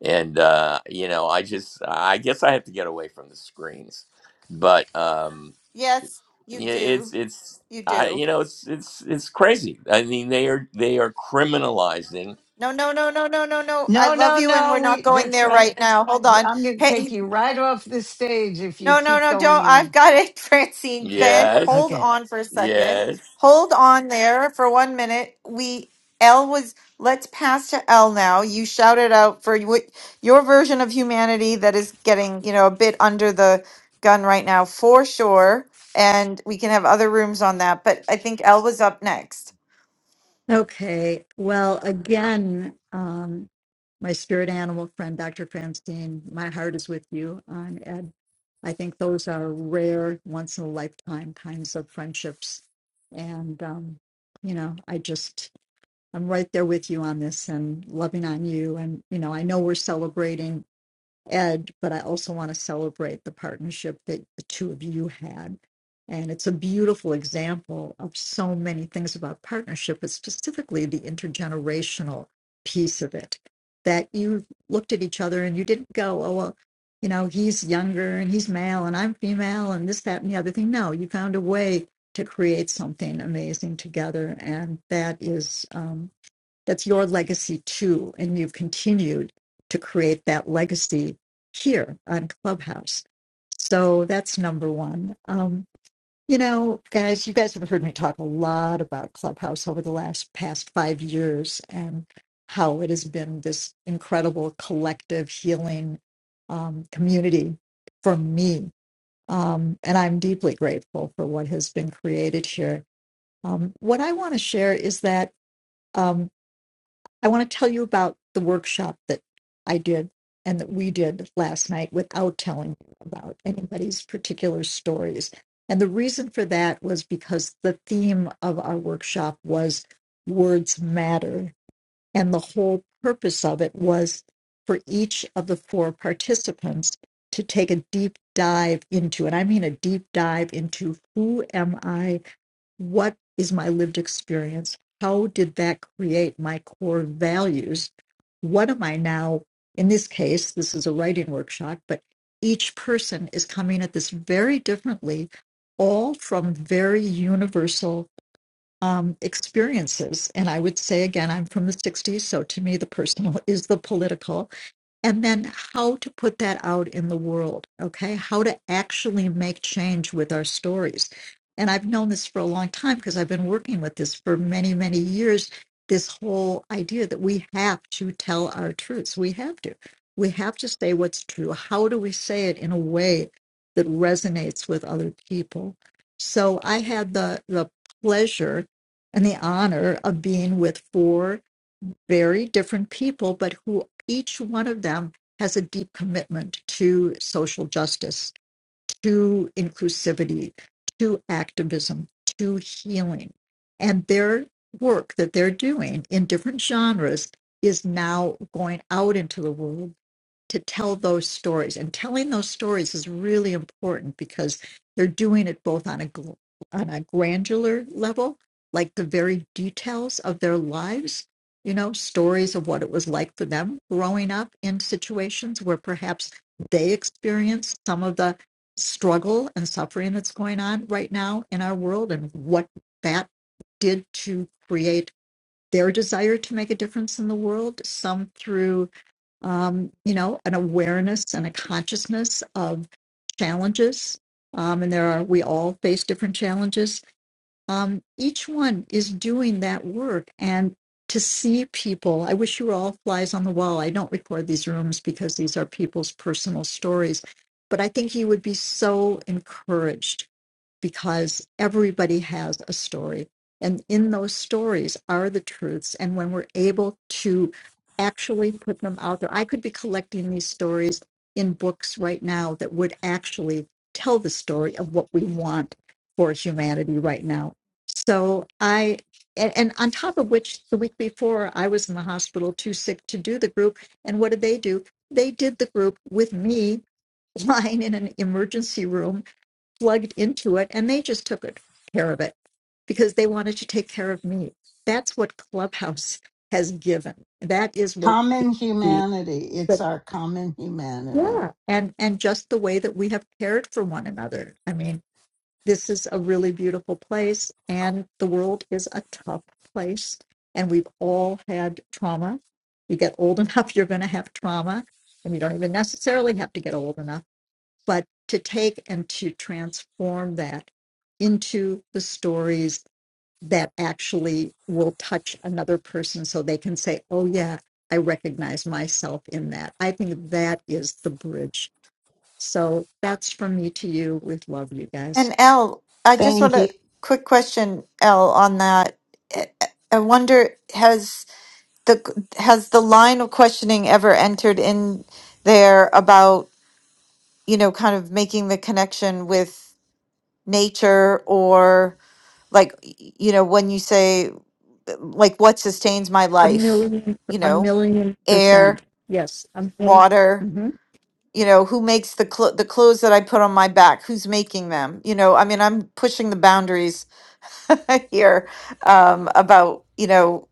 and uh you know i just i guess i have to get away from the screens but um Yes, you yeah it's do. it's You i do. you know it's it's it's crazy i mean they are they are criminalizing No, no, no, no, no, no, no. I No, love no, you, and we're no. not We. going That's there right. right now. Hold W- on. I'm going to take Hey, you right off the stage if you no, no, keep no, going don't. I've in. got it, Francine. Ben, hold yes Okay. on for a second. yes Hold on there for one minute. We, L was, let's pass to L now. You shouted out for what your version of humanity that is getting, you know, a bit under the gun right now, for sure. And we can have other rooms on that. But I think L was up next. Okay. Well, again, um, my spirit animal friend, Dr. Francine, my heart is with you on Ed. I think those are rare, once in a lifetime kinds of friendships. And, um, you know, I just, I'm right there with you on this and loving on you. And, you know, I know we're celebrating Ed, but I also want to celebrate the partnership that the two of you had. And it's a beautiful example of so many things about partnership, but specifically the intergenerational piece of it. That you looked at each other and you didn't go, oh, well, you know, he's younger and he's male and I'm female and this, that, and the other thing. No, you found a way to create something amazing together. And that is. um, that's your legacy too. And you've continued to create that legacy here on Clubhouse. So that's number one. Um, you know, guys, you guys have heard me talk a lot about Clubhouse over the last past five years and how it has been this incredible collective healing um, community for me. Um, and I'm deeply grateful for what has been created here. Um, what I want to share is that. um, I want to tell you about the workshop that I did and that we did last night without telling you about anybody's particular stories. And the reason for that was because the theme of our workshop was words matter. And the whole purpose of it was for each of the four participants to take a deep dive into, and I mean a deep dive into who am I what is my lived experience? How did that create my core values? What am I now? In this case, this is a writing workshop, but each person is coming at this very differently, all from very universal um, experiences. And I would say again, I'm from the 60s, so to me, the personal is the political and then how to put that out in the world okay how to actually make change with our stories and i've known this for a long time because i've been working with this for many many years this whole idea that we have to tell our truths we have to we have to say what's true how do we say it in a way that resonates with other people so i had the the pleasure and the honor of being with four very different people, but who each one of them has a deep commitment to social justice, to inclusivity, to activism, to healing. And their work that they're doing in different genres is now going out into the world to tell those stories. And telling those stories is really important because they're doing it both on a gl- on a granular level, like the very details of their lives, you know, stories of what it was like for them growing up in situations where perhaps they experienced some of the struggle and suffering that's going on right now in our world and what that did to create their desire to make a difference in the world, some through um, you know, an awareness and a consciousness of challenges. Um, and there are, we all face different challenges. Um, each one is doing that work. And to see people, I wish you were all flies on the wall. I don't record these rooms because these are people's personal stories, but I think you would be so encouraged because everybody has a story. And in those stories are the truths. And when we're able to actually put them out there, I could be collecting these stories in books right now that would actually tell the story of what we want for humanity right now. So I, and, and on top of which, the week before, I was in the hospital too sick to do the group. And what did they do? They did the group with me lying in an emergency room plugged into it and they just took it, care of it because they wanted to take care of me. That's what Clubhouse has given. That is what Common the humanity. It's but our common humanity. yeah, and and just the way that we have cared for one another. I mean, this is a really beautiful place and the world is a tough place and we've all had trauma. You get old enough, you're going to have trauma, and you don't even necessarily have to get old enough but to take and to transform that into the stories that actually will touch another person so they can say, oh, yeah, I recognize myself in that. I think that is the bridge. So that's from me to you with love, you guys. And L, I just want Thank a you. quick question, L, on that. I I wonder has the has the line of questioning ever entered in there about, you know, kind of making the connection with nature or like, you know, when you say like what sustains my A life million, you a know million percent. air Yes, a 1000000 water Mm-hmm. you know who makes the cl- the clothes that i put on my back who's making them you know i mean i'm pushing the boundaries here um about you know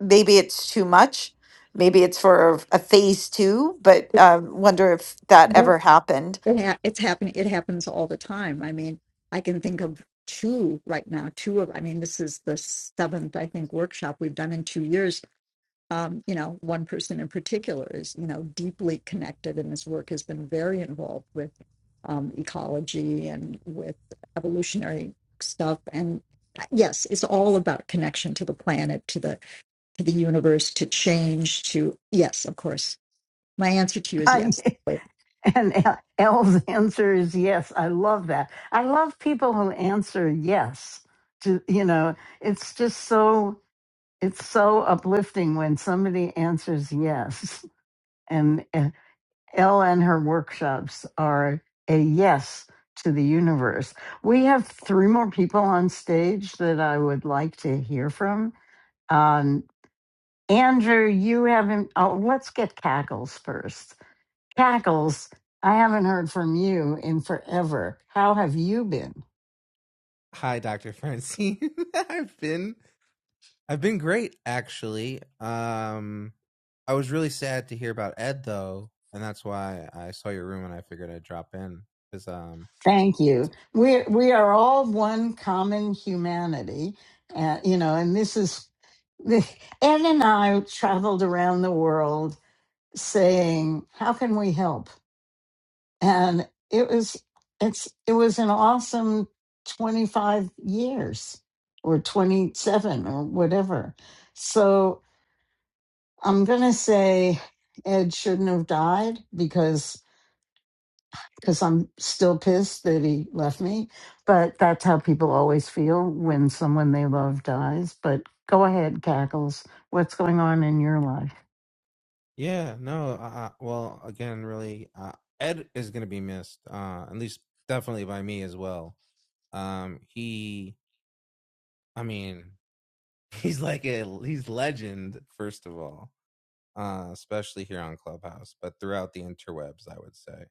maybe it's too much maybe it's for a phase two but um wonder if that No, ever happened It ha- it's happening. It happens all the time. I mean, I can think of two right now. Two of, I mean, this is the seventh, I think, workshop we've done in two years. Um, you know, one person in particular is, you know, deeply connected, and his work has been very involved with um, ecology and with evolutionary stuff. And uh, yes, it's all about connection to the planet, to the to the universe, to change. To yes, of course. My answer to you is Bye. yes. And El- Elle's answer is yes. I love that. I love people who answer yes. To you know, it's just so it's so uplifting when somebody answers yes. And uh, Elle and her workshops are a yes to the universe. We have three more people on stage that I would like to hear from. Um, Andrew, you haven't. Oh, let's get cackles first. Cackles, I haven't heard from you in forever. How have you been? Hi, Dr. Francine. I've been I've been great actually. Um I was really sad to hear about Ed though, and that's why I saw your room and I figured I'd drop in cuz um Thank you. We we are all one common humanity, uh, you know, and this is the Ed and I traveled around the world saying, "How can we help?" And it was it's it was an awesome twenty five years or twenty seven or whatever. So I'm gonna say Ed shouldn't have died because because I'm still pissed that he left me. But that's how people always feel when someone they love dies. But go ahead, cackles. What's going on in your life? yeah, no, uh, well, again, really uh, Ed is going to be missed. Uh at least definitely by me as well. Um he I mean, he's like a he's legend first of all. Uh especially here on Clubhouse, but throughout the interwebs, I would say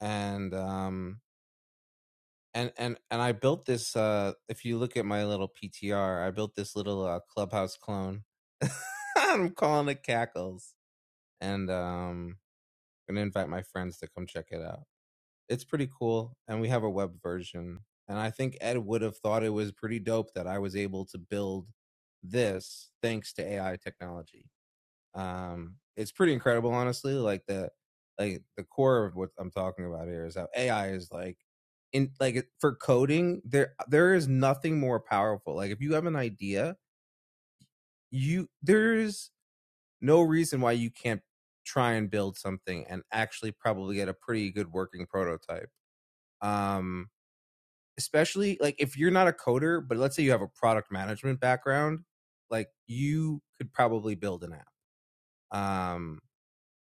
and um and and and I built this. Uh, if you look at my little PTR, I built this little uh, clubhouse clone. I'm calling it Cackles, and um, I'm gonna invite my friends to come check it out. It's pretty cool, and we have a web version. And I think Ed would have thought it was pretty dope that I was able to build this thanks to AI technology. Um, it's pretty incredible, honestly. Like the like the core of what I'm talking about here is how AI is like in like for coding. There there is nothing more powerful. Like if you have an idea, you there's no reason why you can't try and build something and actually probably get a pretty good working prototype. Um, especially like if you're not a coder, but let's say you have a product management background, like you could probably build an app. Um,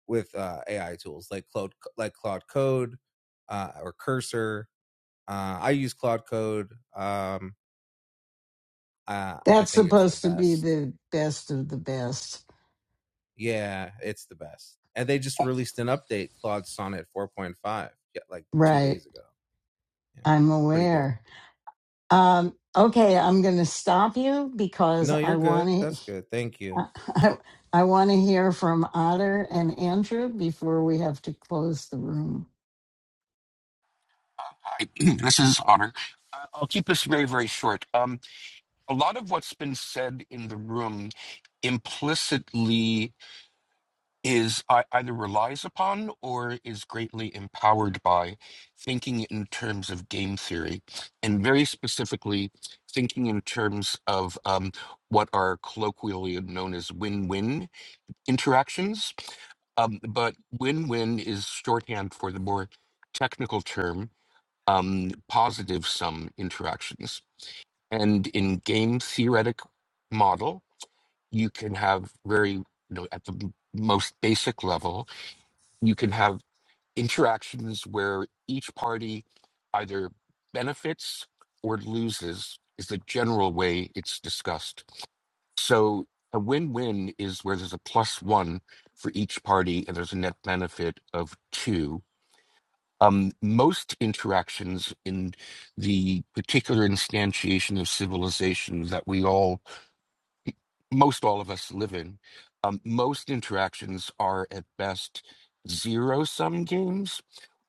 with uh, AI tools like Cloud like Cloud Code uh, or Cursor. Uh, I use Cloud Code. Um, uh, I That's think it's the supposed to be best. the best of the best, Yeah, it's the best. And they just released an update, Claude Sonnet 4.5, yeah, like two right? days ago. Yeah, I'm pretty good. aware. Um, okay, I'm gonna stop you because No, you're I good. want to. That's good. Thank you. I, I want to hear from Otter and Andrew before we have to close the room. this is Otter. Uh, I'll keep this very, very short. Um, a lot of what's been said in the room implicitly is ei- either relies upon or is greatly empowered by thinking in terms of game theory, and very specifically, thinking in terms of um, what are colloquially known as win win interactions. Um, but win win is shorthand for the more technical term um, positive sum interactions. And in game theoretic model, you can have very, you know, at the m- most basic level, you can have interactions where each party either benefits or loses, is the general way it's discussed. So a win win is where there's a plus one for each party and there's a net benefit of two um, most interactions in the particular instantiation of civilization that we all, most all of us live in, um, most interactions are at best zero sum games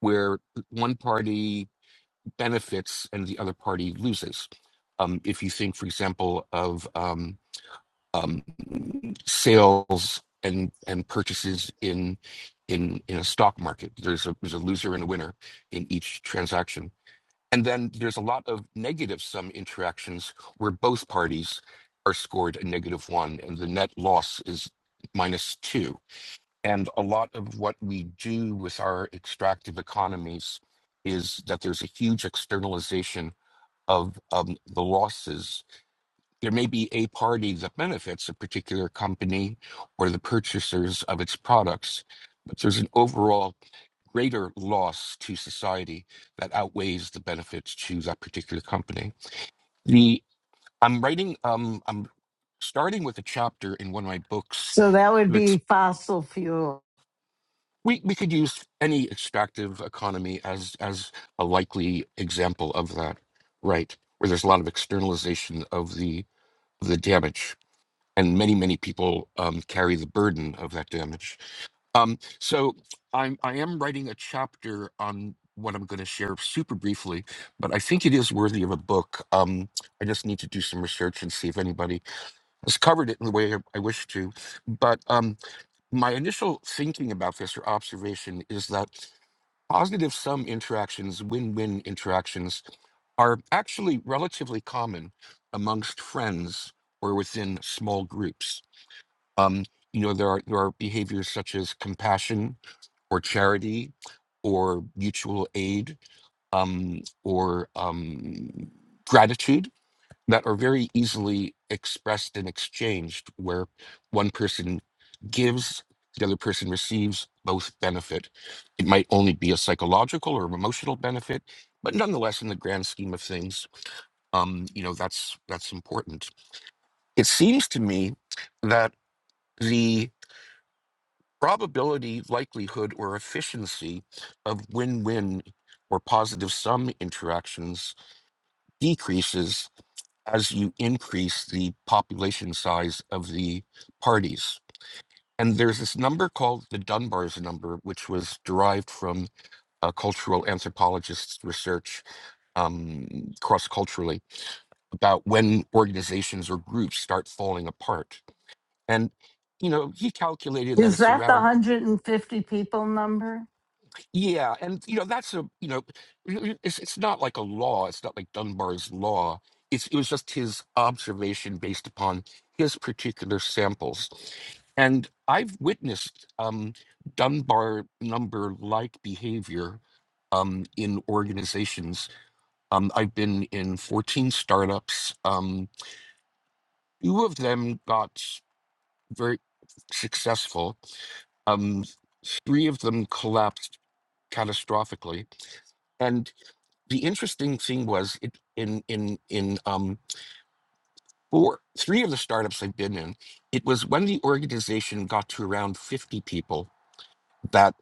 where one party benefits and the other party loses. Um, if you think, for example, of um, um, sales and, and purchases in in in a stock market, there's a there's a loser and a winner in each transaction and then there's a lot of negative sum interactions where both parties are scored a negative one and the net loss is minus two. And a lot of what we do with our extractive economies is that there's a huge externalization of um, the losses. There may be a party that benefits a particular company or the purchasers of its products, but there's an overall greater loss to society that outweighs the benefits to that particular company. The I'm writing um I'm starting with a chapter in one of my books So that would to be ex- fossil fuel. we, we could use any extractive economy as as a likely example of that, right? Where there's a lot of externalization of the of the damage, and many many people um, carry the burden of that damage Um, so I'm I am writing a chapter on what I'm going to share super briefly, but I think it is worthy of a book. Um, I just need to do some research and see if anybody has covered it in the way I I wish to. But um, my initial thinking about this or observation is that positive sum interactions, win win interactions, are actually relatively common amongst friends or within small groups. Um, you know, there are there are behaviors such as compassion or charity or mutual aid um, or um, gratitude that are very easily expressed and exchanged, where one person gives, the other person receives, both benefit. It might only be a psychological or emotional benefit, but nonetheless, in the grand scheme of things, um, you know that's that's important. It seems to me that the probability, likelihood, or efficiency of win win or positive sum interactions decreases as you increase the population size of the parties. And there's this number called the Dunbar's number, which was derived from uh, cultural anthropologists' research um, cross culturally about when organizations or groups start falling apart. And, you know, he calculated that Is it's that the around 150 people number? Yeah, and you know that's a you know it's it's not like a law. It's not like Dunbar's law. It's it was just his observation based upon his particular samples, and I've witnessed um, Dunbar number like behavior um, in organizations. Um, I've been in fourteen startups. Um, two of them got very successful. Um, three of them collapsed catastrophically, the interesting thing was it in in in um four three of the startups I've been in, it was when the organization got to around fifty people that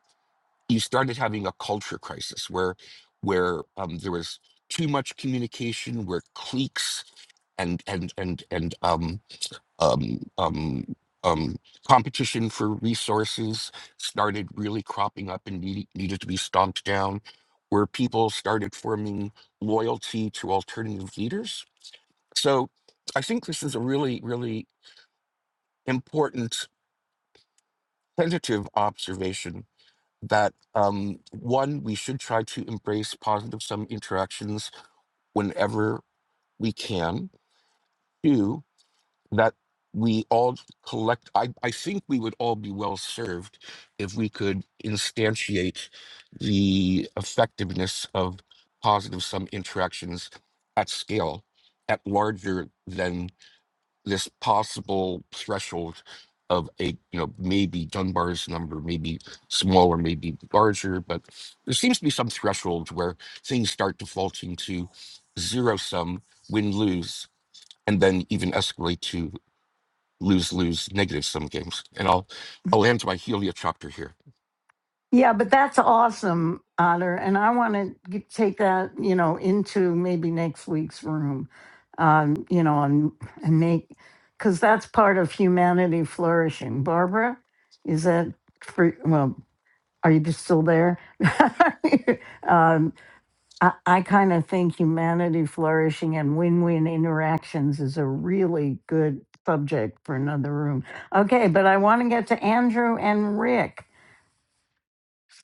you started having a culture crisis where where um, there was too much communication, where cliques and and and and um, um, um, um, competition for resources started really cropping up and needed, needed to be stomped down, where people started forming loyalty to alternative leaders. So I think this is a really, really important tentative observation that um, one, we should try to embrace positive sum interactions whenever we can. Two, that we all collect I, I think we would all be well served if we could instantiate the effectiveness of positive sum interactions at scale at larger than this possible threshold of a you know maybe dunbar's number maybe smaller maybe larger but there seems to be some threshold where things start defaulting to zero sum win lose and then even escalate to lose lose negative sum games. And I'll I'll end my Helia chapter here. Yeah, but that's awesome, Otter. And I want to take that, you know, into maybe next week's room, um, you know, and, and make, because that's part of humanity flourishing. Barbara, is that for, well, are you just still there? um, I, I kind of think humanity flourishing and win win interactions is a really good subject for another room. Okay, but I want to get to Andrew and Rick.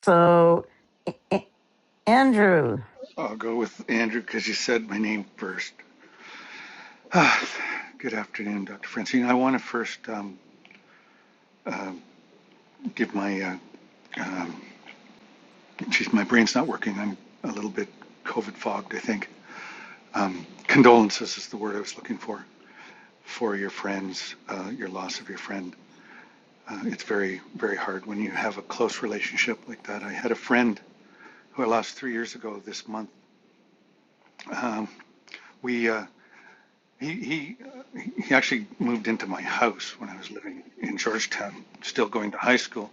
So, A- A- Andrew, I'll go with Andrew because you said my name first. Ah, good afternoon, Dr. Francine. I want to first um, uh, give my, uh, um, geez, my brain's not working. I'm a little bit COVID fogged, I think. Um, condolences is the word I was looking for, for your friends, uh, your loss of your friend. Uh, it's very, very hard when you have a close relationship like that. I had a friend who I lost three years ago this month. Um, we, uh, He, he, uh, he actually moved into my house when I was living in Georgetown, still going to high school.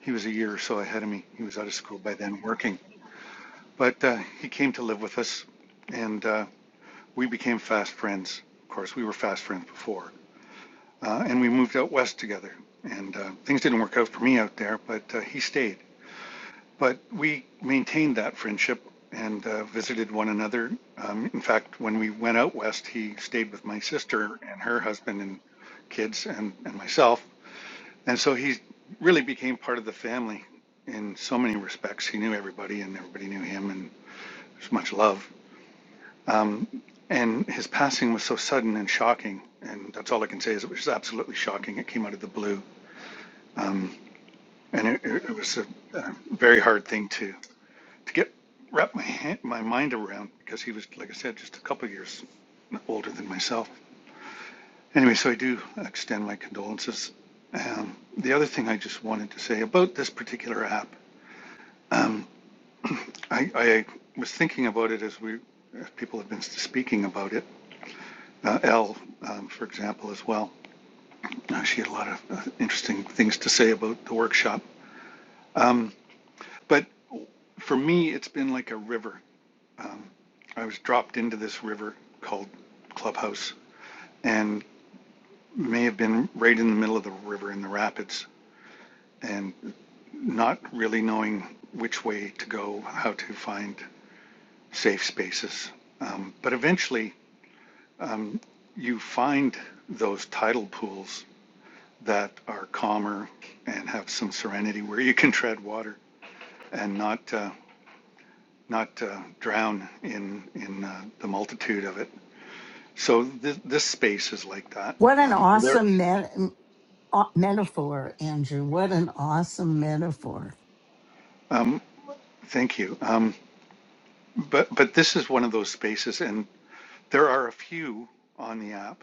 He was a year or so ahead of me. He was out of school by then working. But uh, he came to live with us, and uh, we became fast friends. Of course, we were fast friends before. Uh, and we moved out west together. And uh, things didn't work out for me out there, but uh, he stayed. But we maintained that friendship and uh, visited one another. Um, in fact, when we went out west, he stayed with my sister and her husband and kids and, and myself. And so he really became part of the family in so many respects. He knew everybody and everybody knew him and there's much love. Um, and his passing was so sudden and shocking. And that's all I can say is it was absolutely shocking. It came out of the blue. Um, and it, it was a, a very hard thing to to get wrap my hand, my mind around because he was, like I said, just a couple of years older than myself. Anyway, so I do extend my condolences. Um, the other thing I just wanted to say about this particular app, um, I, I was thinking about it as we as people have been speaking about it. Uh, Elle, um, for example, as well. Uh, she had a lot of uh, interesting things to say about the workshop. But for me, it's been like a river. I was dropped into this river called Clubhouse, and may have been right in the middle of the river in the rapids and not really knowing which way to go, how to find safe spaces. Um, but eventually, you find those tidal pools that are calmer and have some serenity where you can tread water and not uh, not uh, drown in in uh, the multitude of it. So th- this space is like that. what an Um, there, awesome met- m- aw- metaphor, Andrew. What an awesome metaphor. um, thank you. Um, but but this is one of those spaces, and. There are a few on the app,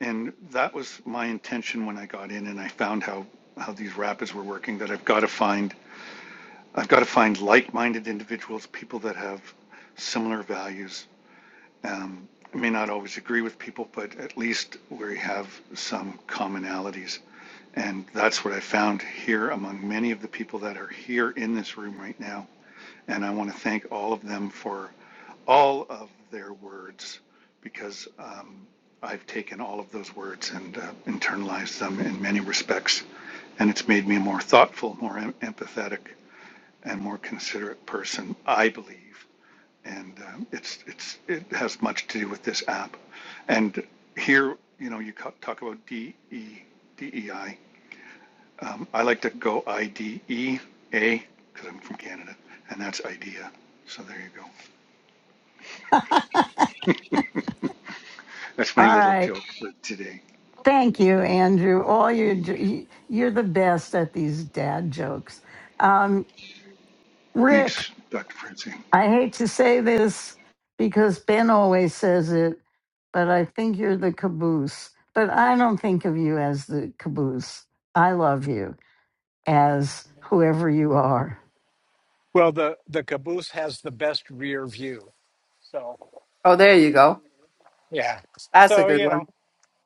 and that was my intention when I got in and I found how how these rapids were working that I've got to find I've got to find like-minded individuals, people that have similar values. Um, I may not always agree with people, but at least we have some commonalities. And that's what I found here among many of the people that are here in this room right now. And I want to thank all of them for all of their words because um, I've taken all of those words and uh, internalized them in many respects. And it's made me a more thoughtful, more em- empathetic, and more considerate person, I believe. And um, it's, it's, it has much to do with this app. And here, you know, you talk about D E D E I. Um, I like to go IDEA because I'm from Canada, and that's IDEA. So there you All go. That's my little right. joke for today. Thank you, Andrew. All you do, you're the best at these dad jokes. Um, Rick, Thanks, Dr. Francine. I hate to say this because Ben always says it, but I think you're the caboose. But I don't think of you as the caboose. I love you as whoever you are. Well, the the caboose has the best rear view. So Oh, there you go. yeah. That's a So good you know, one.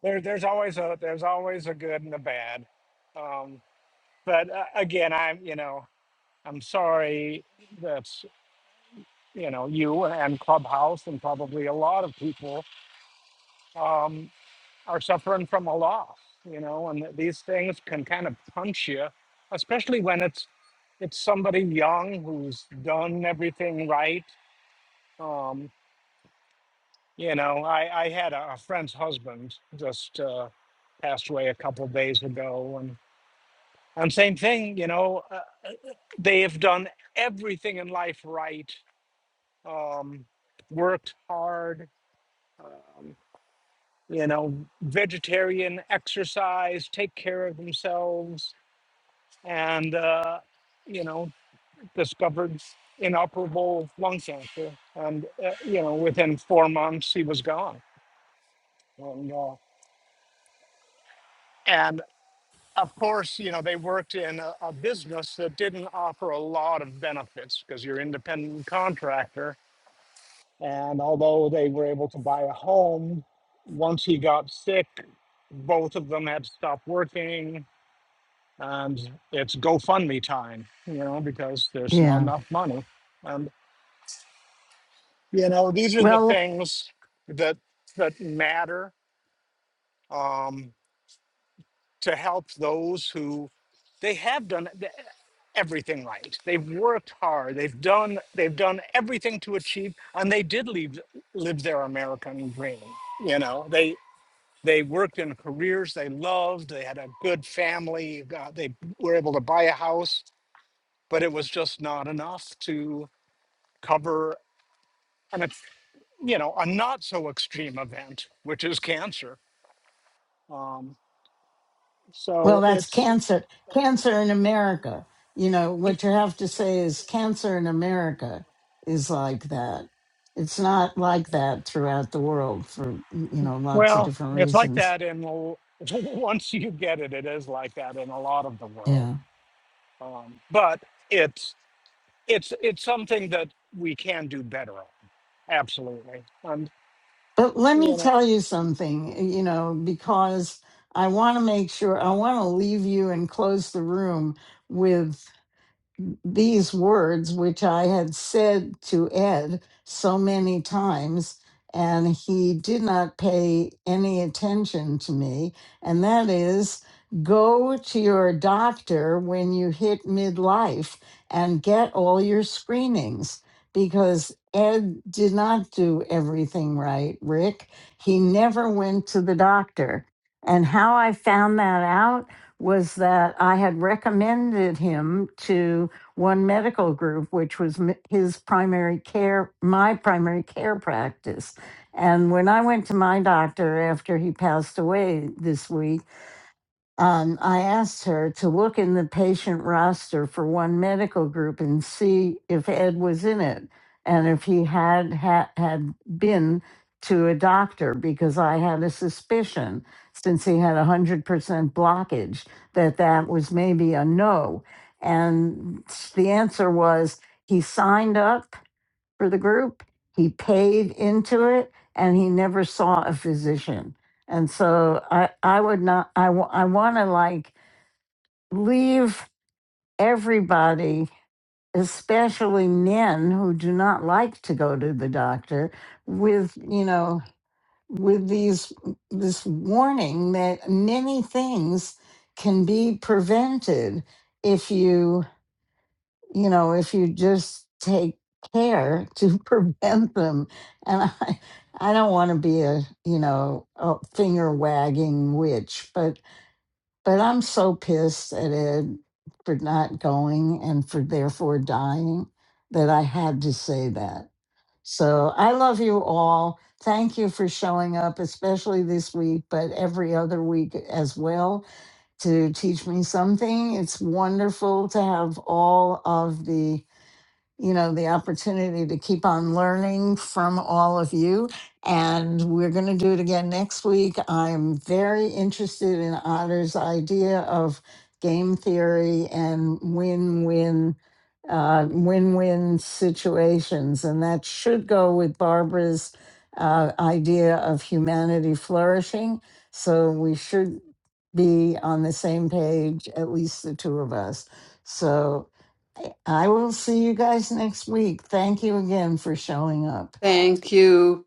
there there's always a there's always a good and a bad. Um, but uh, again, I'm you know I'm sorry that you know you and Clubhouse and probably a lot of people um, are suffering from a loss. You know, and these things can kind of punch you, especially when it's it's somebody young who's done everything right. Um, You know, I, I had a, a friend's husband just uh, passed away a couple of days ago, and and same thing. You know, uh, uh, uh, they have done everything in life right, um, worked hard. Um, you know, vegetarian, exercise, take care of themselves, and uh, you know, discovered inoperable lung cancer, and uh, you know, within four months he was gone, and uh, and of course, you know, they worked in a, a business that didn't offer a lot of benefits because you're independent contractor. And although they were able to buy a home, once he got sick, both of them had to stop working. And it's GoFundMe time, you know, because there's not Yeah. enough money. And you know, these are the Well, things that that matter. Um, to help those who they have done th- everything right. They've worked hard. They've done they've done everything to achieve, and they did live live their American dream. You know, they they worked in careers they loved. They had a good family. uh, they were able to buy a house, but it was just not enough to cover an ex- you know a not so extreme event, which is cancer. Um, well, so that's it's cancer. Cancer in America. You know, what you have to say is cancer in America is like that. It's not like that throughout the world for, you know, lots of Well, different it's like reasons. that in the, once you get it, it is like that in a lot of the world. Yeah. Um, but it's it's it's something that we can do better on. Absolutely, and But let me you know. tell you something, eh, you know, because I want to make sure, I want to leave you and close the room with these words, which I had said to Ed so many times, and he did not pay any attention to me. And that is go to your doctor when you hit midlife and get all your screenings because Ed did not do everything right, Rick. He never went to the doctor. And how I found that out was that I had recommended him to one medical group, which was his primary care, my primary care practice. And when I went to my doctor after he passed away this week, um, I asked her to look in the patient roster for one medical group and see if Ed was in it and if he had had, had been to a doctor because I had a suspicion since he had a 100% blockage that that was maybe a no. And the answer was he signed up for the group. He paid into it and he never saw a physician. And so I, I would not, I, wa- I want to like leave everybody, especially men who do not like to go to the doctor with, you know, with these, this warning that many things can be prevented if you you know, if you just take care to prevent them. And I, I don't want to be a, you know, a finger wagging witch, but but I'm so pissed at Ed for not going and for therefore dying that I had to say that. So I love you all. Thank you for showing up, especially this week, but every other week as well to teach me something. It's wonderful to have all of the you know, the opportunity to keep on learning from all of you. And we're going to do it again next week. I'm very interested in Otter's idea of game theory and win win. Uh, win-win situations, and that should go with Barbara's uh, idea of humanity flourishing. So we should be on the same page, at least the two of us. So I will see you guys next week. Thank you again for showing up. Thank you.